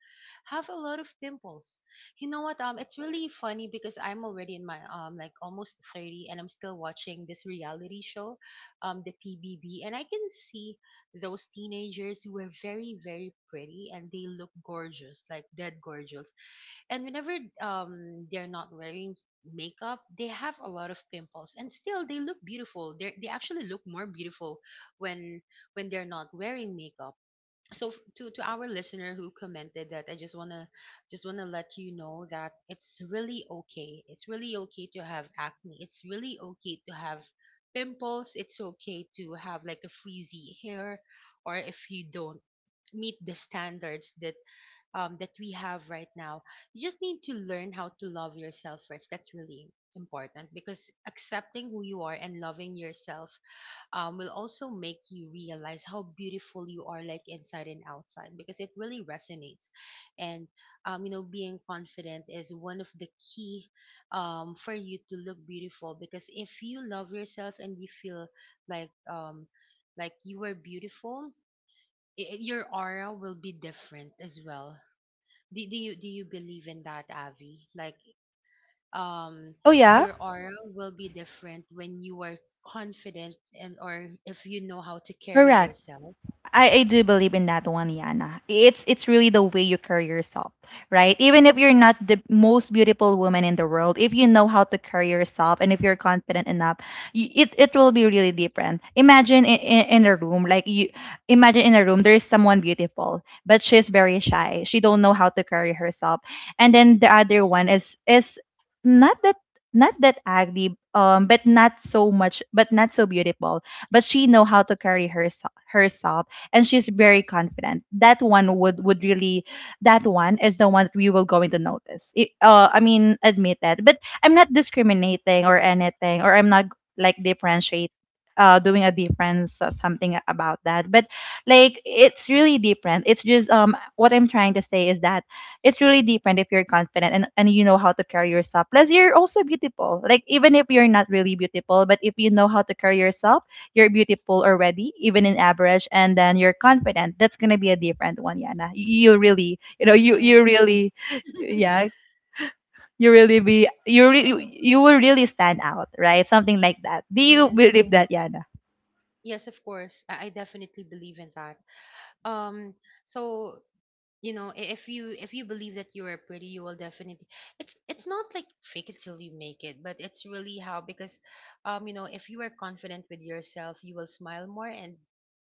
Speaker 2: have a lot of pimples. You know what, um it's really funny because I'm already in my um like almost thirty and I'm still watching this reality show, um the pbb, and I can see those teenagers who were very very pretty and they look gorgeous, like dead gorgeous. And whenever um they're not wearing makeup, they have a lot of pimples, and still they look beautiful. they they actually look more beautiful when when they're not wearing makeup. So f- to to our listener who commented that, I just want to just want to let you know that it's really okay, it's really okay to have acne, it's really okay to have pimples. It's okay to have like a frizzy hair, or if you don't meet the standards that um that we have right now. You just need to learn how to love yourself first. That's really important, because accepting who you are and loving yourself um, will also make you realize how beautiful you are, like inside and outside, because it really resonates. And, um, you know, being confident is one of the key um, for you to look beautiful. Because if you love yourself and you feel like, um, like you are beautiful, i i- your aura will be different as well. Do, do you do you believe in that, Avi? Like um
Speaker 1: Oh yeah.
Speaker 2: your aura will be different when you are confident, and or if you know how to carry
Speaker 1: Correct.
Speaker 2: yourself.
Speaker 1: I, I do believe in that one, Yana. It's it's really the way you carry yourself, right? Even if you're
Speaker 2: Mhm.
Speaker 1: not the most beautiful woman in the world, if you know how to carry yourself and if you're confident enough, y it it will be really different. Imagine in, in, in a room, like you imagine in a room there is someone beautiful, but she's very shy. She don't know how to carry herself, and then the other one is is not that not that ugly, um but not so much, but not so beautiful, but she know how to carry herself herself, and she's very confident. That one would would really, that one is the one that we will going to notice. It, uh, I mean, admit that. But I'm not discriminating or anything, or I'm not like differentiate. Uh, doing a difference or something about that, but like it's really different, it's just um what I'm trying to say is that it's really different if you're confident, and, and you know how to carry yourself. Plus, you're also beautiful. Like, even if you're not really beautiful, but if you know how to carry yourself, you're beautiful already, even in average, and then you're confident. That's gonna be a different one, Yana. You really, you know, you you
Speaker 2: Yes,
Speaker 1: really, yeah, you really be, you really, you will really stand out, right? Something like that. Do you
Speaker 2: yes,
Speaker 1: believe that, Yana?
Speaker 2: yes, of course. I, I definitely believe in that. um so, you know, i- if you if you believe that you are pretty, you will definitely, it's it's not like fake it till you make it, but it's really how. Because um you know, if you are confident with yourself, you will smile more. And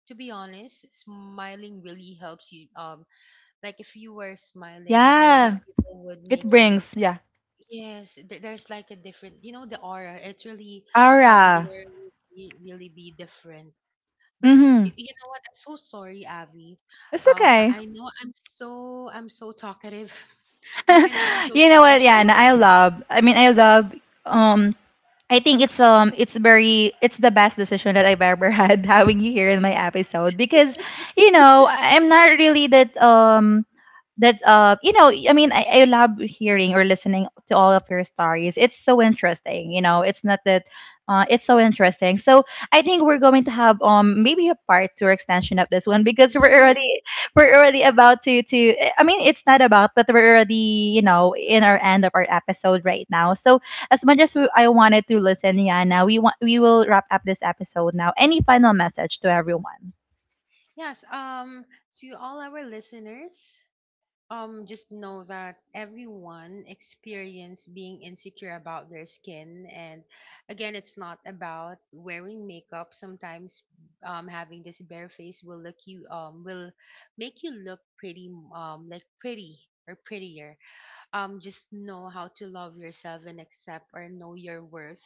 Speaker 2: to be honest, smiling really helps you um like. If you were smiling, a lot of
Speaker 1: Yeah,
Speaker 2: people would
Speaker 1: it
Speaker 2: make you.
Speaker 1: brings, yeah,
Speaker 2: Yes, th- there's like a different, you know, the aura. It's really, um, the
Speaker 1: aura.
Speaker 2: aura will re- really be different. But
Speaker 1: Mm-hmm.
Speaker 2: y- you know what? I'm so sorry, Avi.
Speaker 1: It's
Speaker 2: Um,
Speaker 1: okay.
Speaker 2: I, I know I'm so, I'm so talkative. I, I know I'm so
Speaker 1: You know
Speaker 2: talk- I
Speaker 1: what,
Speaker 2: share a
Speaker 1: Yana?
Speaker 2: lot.
Speaker 1: I love. I mean, I love um I think it's um it's very, it's the best decision that I've ever had having you here in my episode, because you know I'm not really that um that uh you know, I mean, I, I love hearing or listening to all of your stories, it's so interesting, you know, it's not that uh it's so interesting. So I think we're going to have um maybe a part two or extension of this one, because we're
Speaker 2: Yes,
Speaker 1: already we're already about to to I mean, it's not about, but we're already, you know, in our end of our episode right now. So as much as we, I wanted to listen, Yana, we want, we will wrap up this episode now. Any final message to everyone?
Speaker 2: yes. Um, to all our listeners. Um, just know that everyone experience being insecure about their skin, and again, it's not about wearing makeup. Sometimes, um, having this bare face will look you um will make you look pretty, um like pretty, or prettier. um just know how to love yourself and accept or know your worth.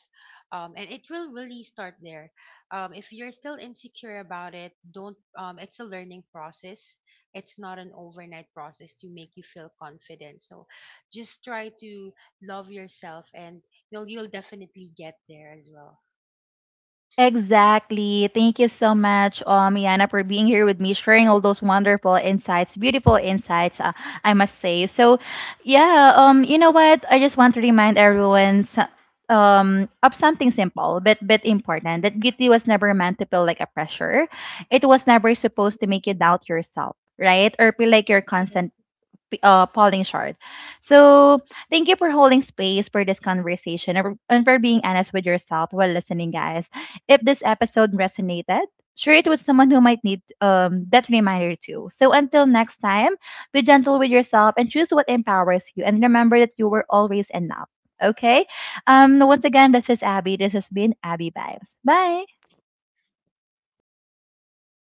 Speaker 2: um and it will really start there. um if you're still insecure about it, don't. um it's a learning process, it's not an overnight process to make you feel confident. So just try to love yourself, and you'll you'll definitely get there as well.
Speaker 1: Exactly. Thank you so much, um, Yana, for being here with me, sharing all those wonderful insights, beautiful insights, uh, I must say. So, yeah, um, you know what? I just want to remind everyone so- um, of something simple but but important. That beauty was never meant to feel like a pressure. It was never supposed to make you doubt yourself, right? Or feel like you're
Speaker 2: Yeah.
Speaker 1: constantly p- uh, falling short. So, thank you for holding space for this conversation, and for and for being honest with yourself while listening, guys. If this episode resonated, share it with someone who might need, um, that reminder too. So, until next time, be gentle with yourself and choose what empowers you. And remember that you were always enough. Okay? Um, once again, this is Abby. This has been Abby Vibes. Bye.
Speaker 2: Thank you, bye.